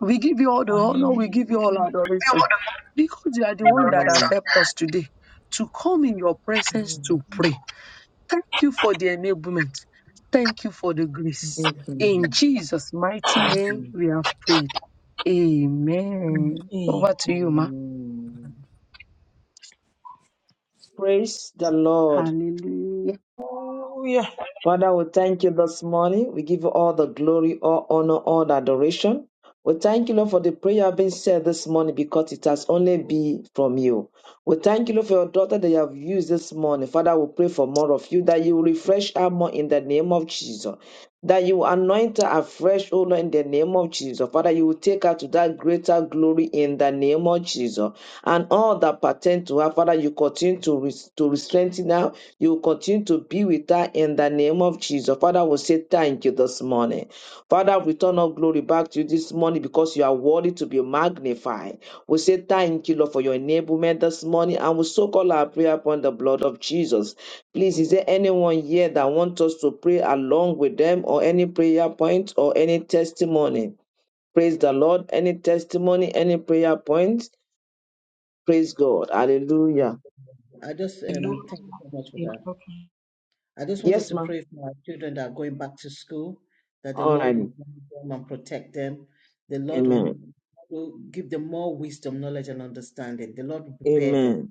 We give you all the honor, we give you all adoration Hallelujah. because you are the You are one the that Amen. has reason. helped us today to come in your presence to pray. Thank you for the enablement. Thank you for the grace. Thank In you. Jesus' mighty Thank name, you. we have prayed. Amen. Over to you, Ma. Amen. Praise the Lord. Hallelujah. Hallelujah. Father, we thank you this morning. We give you all the glory, all honor, all the adoration. We thank you, Lord, for the prayer being said this morning because it has only been from you. We thank you, Lord, for your daughter that you have used this morning. Father, we pray for more of you, that you will refresh her more in the name of Jesus. That you will anoint her afresh, O Lord, in the name of Jesus. Father, you will take her to that greater glory in the name of Jesus. And all that pertain to her, Father, you continue to, res- to strengthen her you continue to be with her in the name of Jesus. Father, we say thank you this morning. Father, we turn our glory back to you this morning because you are worthy to be magnified. We say thank you, Lord, for your enablement this morning, and we soak all our prayer upon the blood of Jesus. Please, is there anyone here that wants us to pray along with them or any prayer point or any testimony? Praise the Lord. Any testimony, any prayer point? Praise God. Hallelujah. I just um thank you so much for that. I just want us Yes, to ma'am. pray for our children that are going back to school, that the All Lord right. will guide them and protect them. The Lord will, Amen. will give them more wisdom, knowledge, and understanding. The Lord will prepare them. Amen.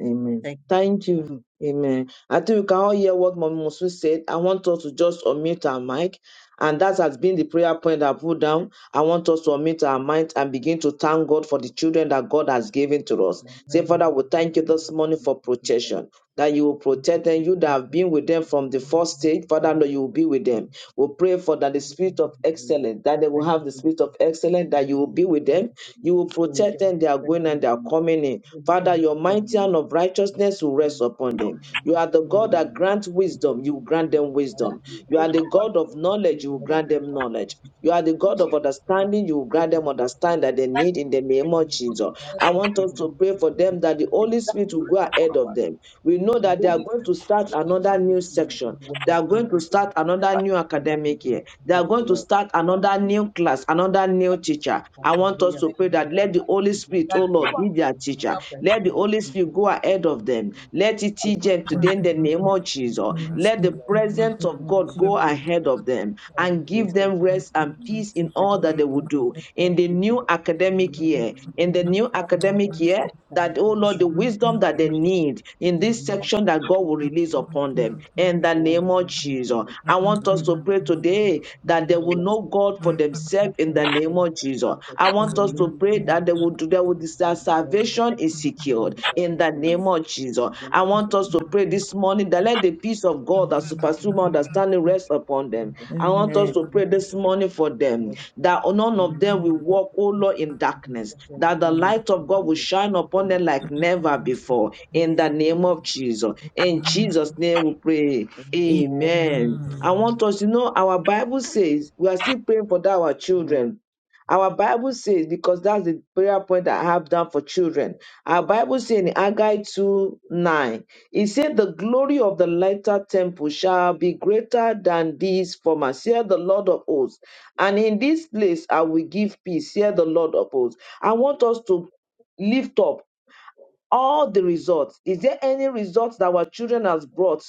Amen. Thank Thank you. Father. you. Amen. I think we can all hear what Mommy Musu said. I want us to just unmute our mic. And that has been the prayer point I put down. I want us to unmute our mind and begin to thank God for the children that God has given to us. Say, Father, we thank you this morning for protection. That you will protect them, you that have been with them from the first stage, Father, Lord, you will be with them. We pray for that the spirit of excellence, that they will Thank have the spirit you. of excellence, We that have you will be with them. to You will protect them, they are going and they are coming in Father, your mighty hand of righteousness will rest upon them. You are the God that grants wisdom, you will grant them wisdom. You are the God of knowledge, you will grant them knowledge. You are the God of understanding, you will grant them understanding that they need in the name of Jesus. I want us to pray for them that the Holy Spirit will go ahead of them. We know that they are going to start another new section. They are going to start another new academic year. be They are going to start another careful. new class, another new teacher. I want us Hallelujah. to pray Thank you, that let Jesus. the Holy We give Spirit, you oh people. Lord, be their We give teacher. you thanks for Let the what Holy you do Spirit go in this ahead of them. Hallelujah. Let it teach Lord, I them pray today that in you the you. tell name me, of thank Jesus. you, Jesus, Let the Lord. presence of Thank you, God go Jesus, ahead of Lord. them And I'm and always give so them rest thankful to you. and Jesus. peace in Thank all you, that they will Jesus, do for in the everything new that you do, academic Lord, in the year. name of In the Jesus, new Lord. academic year, Thank that, oh you, Lord, the Jesus, wisdom that Lord. they need in this Amen. section that God will Amen. release upon them. In the name of Jesus. Amen. I want Thank us you, to pray Jesus. today Thank that they you, will Lord. Thank know you, God for Jesus. themselves in Thank the you, name thank of you, Jesus. Jesus. I want us to pray Hallelujah. that they will do they will their salvation is secured in the name of Jesus. I want us to pray this morning that let the peace of God that supersede understanding rest upon them. I want us to pray this morning for them that none of them will walk, oh Lord, in darkness, that the light of God will shine upon them like never before in the name of Jesus. In Jesus' name we pray. Amen. I want us to know our Bible says we are still praying for that our children. Our Bible says, because that's the prayer point that I have done for children. Our Bible says in Haggai 2 9, it said, The glory of the latter temple shall be greater than this former, saith the Lord of hosts. And in this place I will give peace, saith the Lord of hosts. I want us to lift up all the results. Is there any results that our children has brought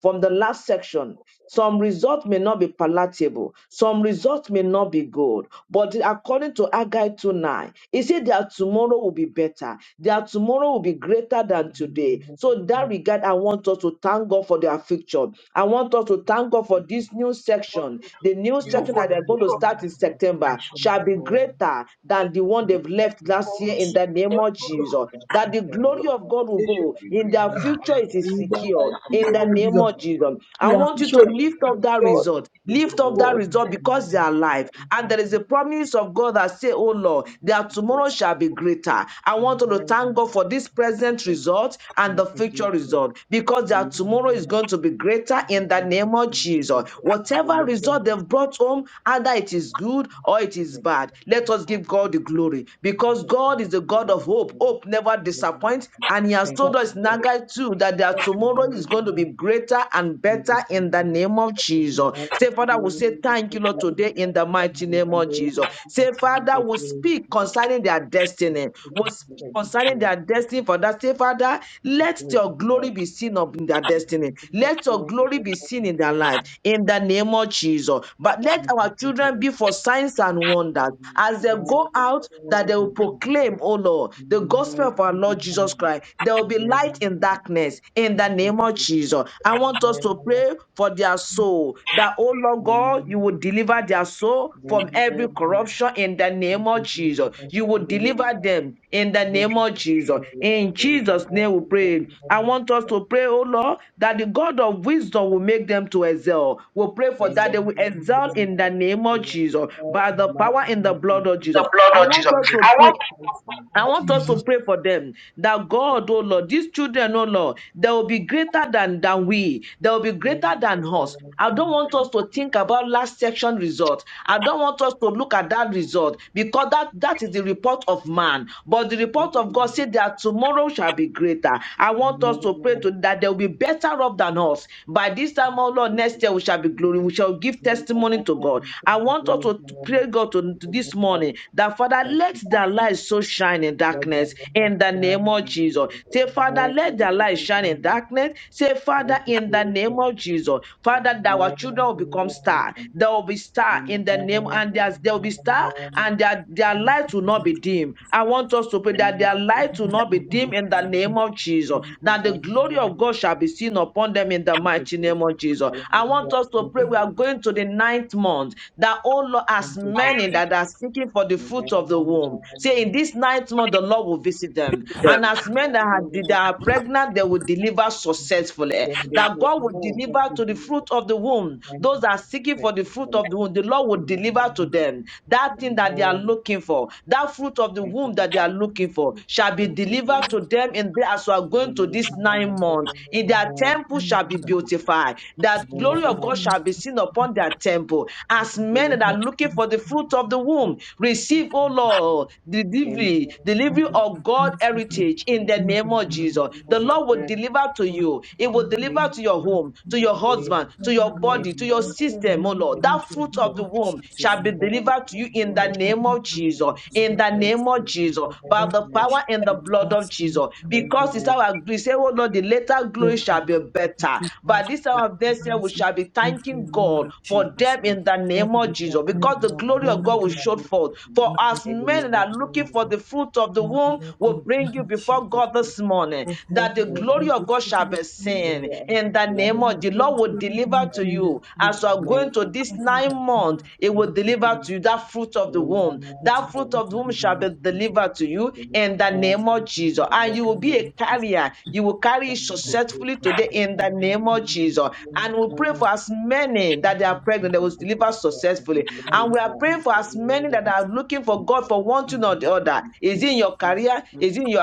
from the last section? Some results may not be palatable. Some results may not be good. But according to Haggai 2 9, it said that tomorrow will be better. Their tomorrow will be greater than today. So, in that regard, I want us to thank God for their future. I want us to thank God for this new section. The new You section for that the they're going to start in September shall be greater than the one they've left last people. year in the name of Jesus. That the glory Amen. of God will They should go be in great. their future, it is In the mighty secure in name the of name Jesus, of Jesus. I we are want you Thank to you, officially lift Jesus. up that God, result. Thank you, Lift up that God. result because they are alive. And there is a promise of God that say, Oh Lord, their Jesus. tomorrow shall be greater. I want you to thank God for this present result and the future result because their tomorrow is going to be greater in the name of Jesus. Whatever result they've brought home, either it is good or it is it is bad. Let us give God the glory because God is the God of hope. Hope never disappoints. And He has told us in Haggai 2 that their tomorrow is going to be greater and better in the name of Jesus. Say, Father, we say thank you, Lord, today in the mighty name of Hallelujah. Thank you, Jesus. Say, Jesus. Father, Thank we you speak concerning their destiny. for We this speak day. Thank concerning their destiny for that. Say, Father, you for the let word of your God. glory be seen up in their Thank destiny. Let your glory be seen in their life. In the name of Jesus. But let our children be for signs and wonders as they go out, that they will proclaim, oh Lord, the gospel of our Lord Jesus Christ. There will be light in darkness in the you name of Jesus. I want us to pray for their soul. That, oh Lord God, you will deliver their soul from for every the corruption in the name of Jesus. You will deliver them in the name of Jesus. In Jesus' name we pray. I Hallelujah. want us to pray, oh Lord, that the God of wisdom will make them to excel. We'll pray for Amen. that they will excel in the name May of your Jesus prayer by and the mighty power in name the of blood Jesus, of Jesus. The blood I may of you want Jesus. be us the to I pray. want example to me. I want us Thank to you, pray for them that thank you, God, oh thank Lord, these children, oh Lord, they will be greater than, than we, they will be you. greater than us. Amen. I don't want Thank us you, to think Jesus. about last section result. I don't want us to look at that result because that, that is the report of man. But the report Amen. of God said that tomorrow shall be greater. I want us to pray Amen. to that they will be better off than us. By this time, Thank oh you, Lord, next Jesus. year we shall be Thank you, glory. We Jesus. shall give testimony Amen. to God. Thank I you, want us Jesus. to pray God to, to this Hallelujah. morning that Father, Thank let you, let their Jesus. light so shine in Let thy darkness light in the shine name of in Jesus. me. Say, Father, let their light shine in Amen. darkness. Say, Father, Thank in the you, name Jesus. of Jesus. Father, that our children will become star. Amen. There will be star Amen. in Thank the you, name, and there's, there will be star, and their, their light will not be dim. I want us to pray that their light will not be dim in the name of Jesus. That the glory of God shall be seen upon them in the mighty name of Jesus. Jesus. I want Hallelujah. us to Thank you, pray. We are Jesus. going to the ninth month. That, oh Lord, Thank as you, many Jesus. that are seeking for looking for the Amen. fruit of the womb. Say, in this ninth month, the Lord will visit them. And as men that are, that are pregnant, they will deliver successfully. Then they That say, God will no, thank deliver you, to the fruit Jesus. of the womb. Thank Those you, that are Lord. seeking for Thank the you, fruit of the forever. womb, the Lord will Amen. deliver to them. That thing that they are Amen. looking for, that fruit of the Thank you, womb that they are Jesus. looking for, shall be Thank you, delivered to Jesus. them in there as we are going to this nine month. In their Amen. temple shall be Amen. Thank you, Jesus. beautified. That Amen. glory Thank of God shall be seen upon their temple. As you, men that are Jesus. looking for the the fruit of the womb. Receive, O Lord, the Amen. delivery, delivery Father, of my God Thank husband, you, heritage in Jesus. the in the name of Amen. name of Jesus. The Jesus, Thank Lord will deliver to Lord, you. you, It will according to deliver the to your Lord Jesus. home, to Jesus, your husband, Hallelujah. to that your you will Amen. body, Thank to your system, O you, Lord. That Jesus. answer fruit you with the name of the of womb Jesus, shall be Amen. Thank delivered to you in that the it is name not of what it Jesus. you, is In Jesus. to the name of Jesus, by that the we Amen. should power and the be blood of vaccinated Jesus. in the name Because it's Amen. of our grace, say, Oh Lord, the later there glory will be shall be no better. By complications to this their time of this year, we pregnancy shall be in thanking the name God of for Jesus, them Lord. in the name That of name it Thank of is you, Jesus, a kind because Jesus. the of glory of God will bondage, Hallelujah. Amen. show Lord, forth. Amen. in the For name as The of men glory that are Jesus, looking Lord. for the fruit of the Father, womb Lord God, will in the bring name you of Jesus, before God Lord. this morning, For that the heaven glory and earth of God shall open up be to you, of the seen. In the Lord and name in of and our the the holy Lord will blessing of spirit be deliver to free and you. walk As you are the through. going Lord. to this I think nine that's Amen. the month, name it and I will Amen. can bring deliver it to to you that you. fruit of the And I womb. thank you, That fruit Amen. Lord, of the womb the shall name be of Jesus. delivered to you in the Let us name pray of the Jesus. Lord And you in will the be a name of Jesus. carrier. You will carry it That is successfully what we today in the name pray of to Jesus. and And we I thank pray you in for as many the that they are name of Jesus. That is pregnant, they was what we pray delivered successfully. the name of And we are Jesus, praying Lord. for as many that are looking for God for one thing or the other. Is it in your career? Is it in your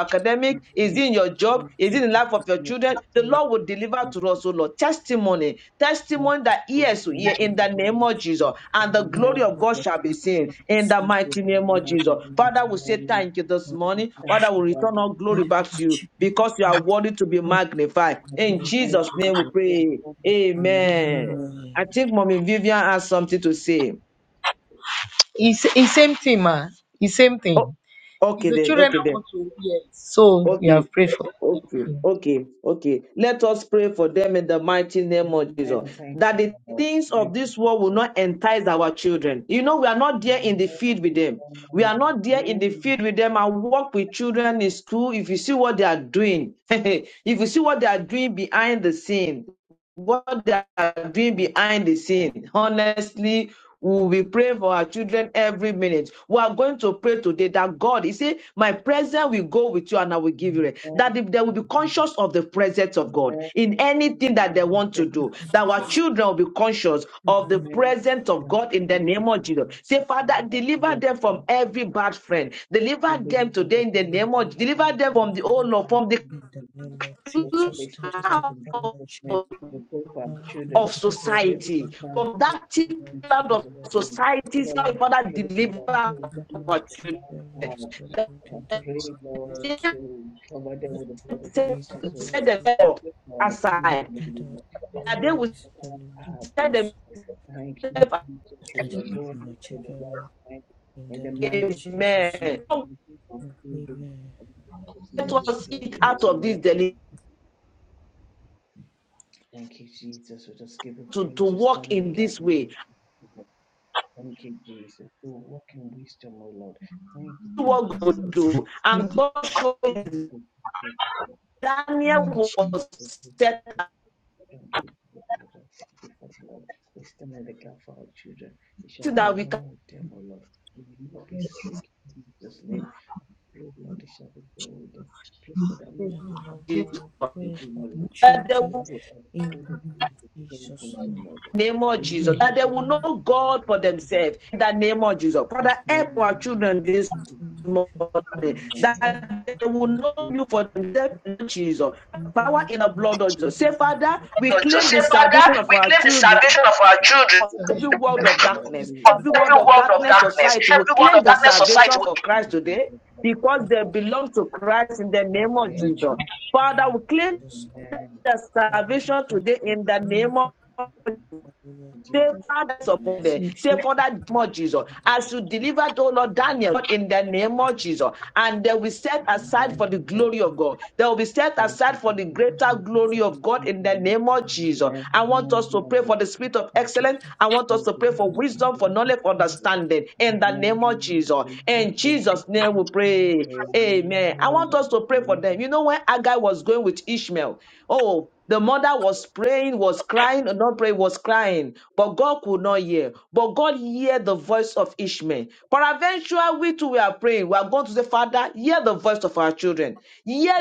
We academic? give Is you it in your the job? glory, Is it Jesus, in the life of your we are children? The full Lord will deliver to of us, oh Lord. Testimony, that testimony that people yes, will hear who in don't the go name to of Jesus, school, and the who don't glory of go God to shall be education seen can in the receive the mighty name holy of Jesus. revelation Father, we of God say thank you this of morning. Thank Father, which we you, return Lord. all glory that it back will to you keep you because you are holy, worthy to be that it magnified. will In be Jesus' perfect name we your pray. Amen. Amen. I think Mommy Vivian has something to say. it's, the same thing, man. It's same Oh, thing. It's okay the then, children okay I then. want to hear. So we Okay, have prayed for. Thank okay, you. okay, okay. Let us pray for them in the mighty name of Jesus. That the things Thank of you, this world will Jesus. not entice our children. You know, we are not there in the field with them. We Mm. are not there in the field with them. I work with children in school. If you see what they are doing, [laughs] if you see what they are doing behind the scene, what they are doing behind the Thank you. scene. Honestly, we will be praying for our children every minute. We are going to pray today that God, you see, my presence will go with you and I will give you rest. That if they will be conscious of the presence of God in anything that they want to do, that our children will be conscious of the presence of God in the name of Jesus. Say, Father, deliver Thank them you. from every bad friend. Deliver We live them in today in contention the with name of God Jesus. deliver them Almighty, from the in old the law, Father's from In the name of Jesus, In the kingdom. name of Will the not be Jesus, that swept it up in deliver cloud our Jesus' children, name. We pray for our our of children, girls, that that they it will be Father able to society, God, our stand from out that children, thick right in to cloud the of Jesus' Lord. name. society, Father, say, Lord, I Father, pray, deliver Lord, for Father God, one our our for children. children, right one hours. the That Lord, I in the name pray, of Lord, Jesus. they to cover them with the will blood of for set the Jesus, oh terrible Lord. people We themselves pray for our children, aside. oh that was Lord. They will That be they able to will unvexed the stand name of out, oh set Jesus. Lord. Thank you, themselves Jesus, oh That is Lord. They what will my make the children were right in in the the name mighty of aside. name of Jesus. Jesus, amen. Lord. we keep on feeding. Amen. In Jesus' Let name we us pray. eat out of this Amen. deliverance Thank you, Jesus. We just give you to, praise. to We walk stand in the in gap this and beg way. you, Lord. Thank you, Jesus. We walk in wisdom, O Lord. Thank you for the what God do. May And the God showed Thank you for the Lord. Lord Thank you Daniel for the Lord. Jesus was Thank you for the set Lord. Thank you for the Lord. We stand in the gap for our children. It shall be that we can well with them, O Lord. We will not be sick in Jesus' name. Lord, my disciple, Lord, shall be God. People that make And my the heart Lord be God will pray you for know, the our that there children Lord of in all the the name people of who Jesus. come to the Lord. Lord. name The of That the Lord Jesus, to will that Lord they be will God will know God for themselves in the name of Jesus. pray Father, for our children help our children this in the name of Amen. morning Jesus. And the Lord God will pray for our that children in they I will pray know you for for themselves, in Jesus. Power in the blood of Jesus. Jesus. Say, Father, we claim But say, the Father, salvation of we our claim the children salvation of our children from every Salvation world from of I'm not darkness, doing it every without world every you. of world of darkness darkness, society will every for the world people. claim of the Lord, darkness society. salvation for we thank Christ you today for the because they people. belong to Christ in the name of Our Amen. Jesus. the name Father, of Jesus. we claim Lord. Amen. the I will salvation go to today Thank in the the you, moon, name but I of will Jesus. Favor watch the that's upon them. Amen. fish. Say, children. I Father, will go more Jesus, as you to delivered, oh Lord, the Daniel, in the name of Jesus, and they will set moon, but I aside will for Amen. the Amen. glory watch of God. the fish. They will be set Thank you, aside for the Jesus. I will greater Thank go to the glory moon, of God you, thank in the Lord. but name of I Jesus. Amen. I want Amen. us to pray for the will spirit of Thank you. watch excellence. the I want us Thank to pray you for for the wisdom, message. for knowledge, understanding in the name of Amen. Jesus. Thank you. In Thank you. Jesus' Thank name we you. pray. Amen. Amen. I want Amen. us to pray Amen. for Thank you. them. You know, when Agai was going with Ishmael, oh, the mother was praying, was crying, not praying, was crying, but God could not hear. But God heard the voice of Ishmael. Peradventure, we too we are praying. We are going to say, Father, hear the voice of our children.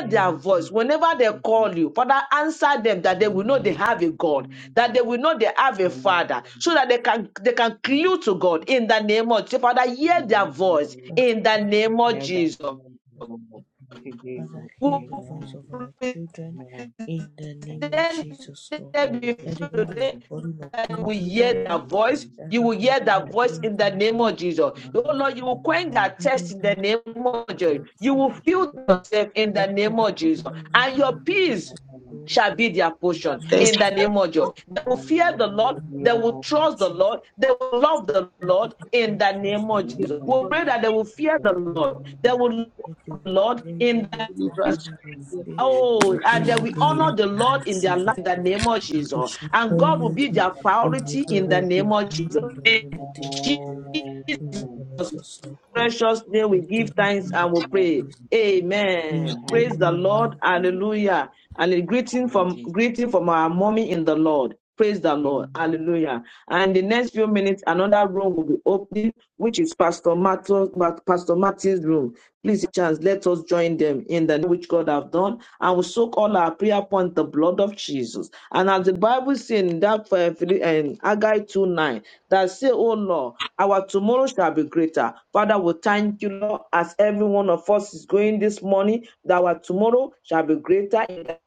Amen. Amen. their voice. Whenever they call you, Father, answer them that they will know they have a God, that they will know they have a Father, Amen. so that they can they can Thank you, clew to God Jesus. in the name of Jesus. Father, hear their voice Amen. fish. in the name of Let that Jesus. be unto the Lord. Thank you, Father, Jesus. hear Who the voice Amen. of our children Amen. in the Thank name you, of presented Jesus. Jesus, Lord. All the That birth before of when our they are today children. calling Lord. you will upon you, Lord hear Thank God, that you, voice. Jesus. that You is will Lord hear We God, that thank in voice you. the in the name name of Jesus. Oh of Amen. Lord, you will Jesus. Thank you, quench Jesus. that Father, thirst you in the know that name of the Jesus. Lord You sees We will you. feel Thank you, yourself in the That every name of Jesus. time you And have your any Jesus. peace mercy, Amen. Lord, shall be their in portion the name Thanks. in the of our name of Jesus. Jesus, They will the fear the Hallelujah. Lord. Amen. Father, They will Lord trust Jesus. the Jesus, Lord. They will love the Lord in that the trust name the of Lord Jesus. and Amen. We the pray that name they will Thank you, fear the Lord. They will Jesus. that they love the will Lord fear in you, Lord, for the deliverance that your In the fear Oh, will and be name then in of we them in honor the the Jesus. name Lord of in their Jesus. life in the name of And they Jesus. shall And Amen. God will honor be you their in priority every in Hallelujah. the way of name your of life Jesus. and in everything you do. In In the name of Jesus, Lord God, precious name we we give thank thanks you and we pray. with Amen. this. Praise the Amen. Lord. Hallelujah. Hallelujah. And a greeting Thank you, from Jesus. greeting from our mommy in the Lord. Praise the Lord. Amen. Hallelujah. And in the next few minutes, another room will be opening, which is Pastor Matthew, Pastor Matthew's room. Please, chance, let us join them in the name which God have done. And we soak all our prayer upon the blood of Jesus. And as the Bible says in that uh, Philip- um, Haggai 2 9, that say, Oh Lord, our tomorrow shall be greater. Father, we thank you, Lord, as every one of us is going this morning, that our tomorrow shall be greater in the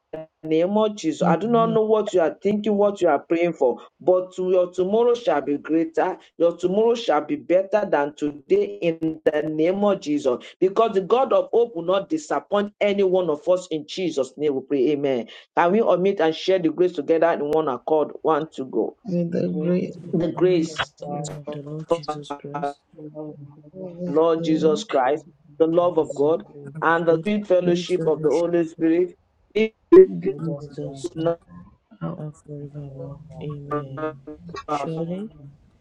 name of Jesus. I do not Amen. know what you are thinking, what you are praying for, but your tomorrow shall be greater. Your tomorrow shall be better than today in the name of Jesus. Because the God of hope will not disappoint any one of us in Jesus' name. We pray, Amen. Can we omit and share the grace together in one accord? One to go. May The the grace great of The The God, the grace grace God, of the Lord Jesus of Christ, the love of God, God of Lord Jesus God and the Christ, sweetness the of love the of Holy God, Spirit, and the God, sweet bless sweet fellowship of the fellowship Holy Spirit be with be be with us with now us us now now our and and forevermore. forevermore. Amen. Amen. and Surely, Surely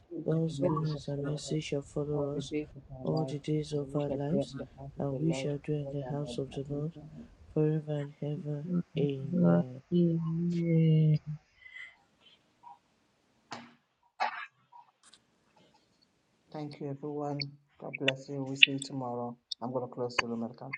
goodness and God's mercy shall goodness and follow us mercy shall all follow the us days of our all life, the days and of we our shall dwell lives, in the house of the and we Lord shall dwell in the forever and house of ever. the Lord Amen. forever and ever. life. Amen. Amen. Thank you, everyone. God bless you. we see you tomorrow. I'm going to close the room at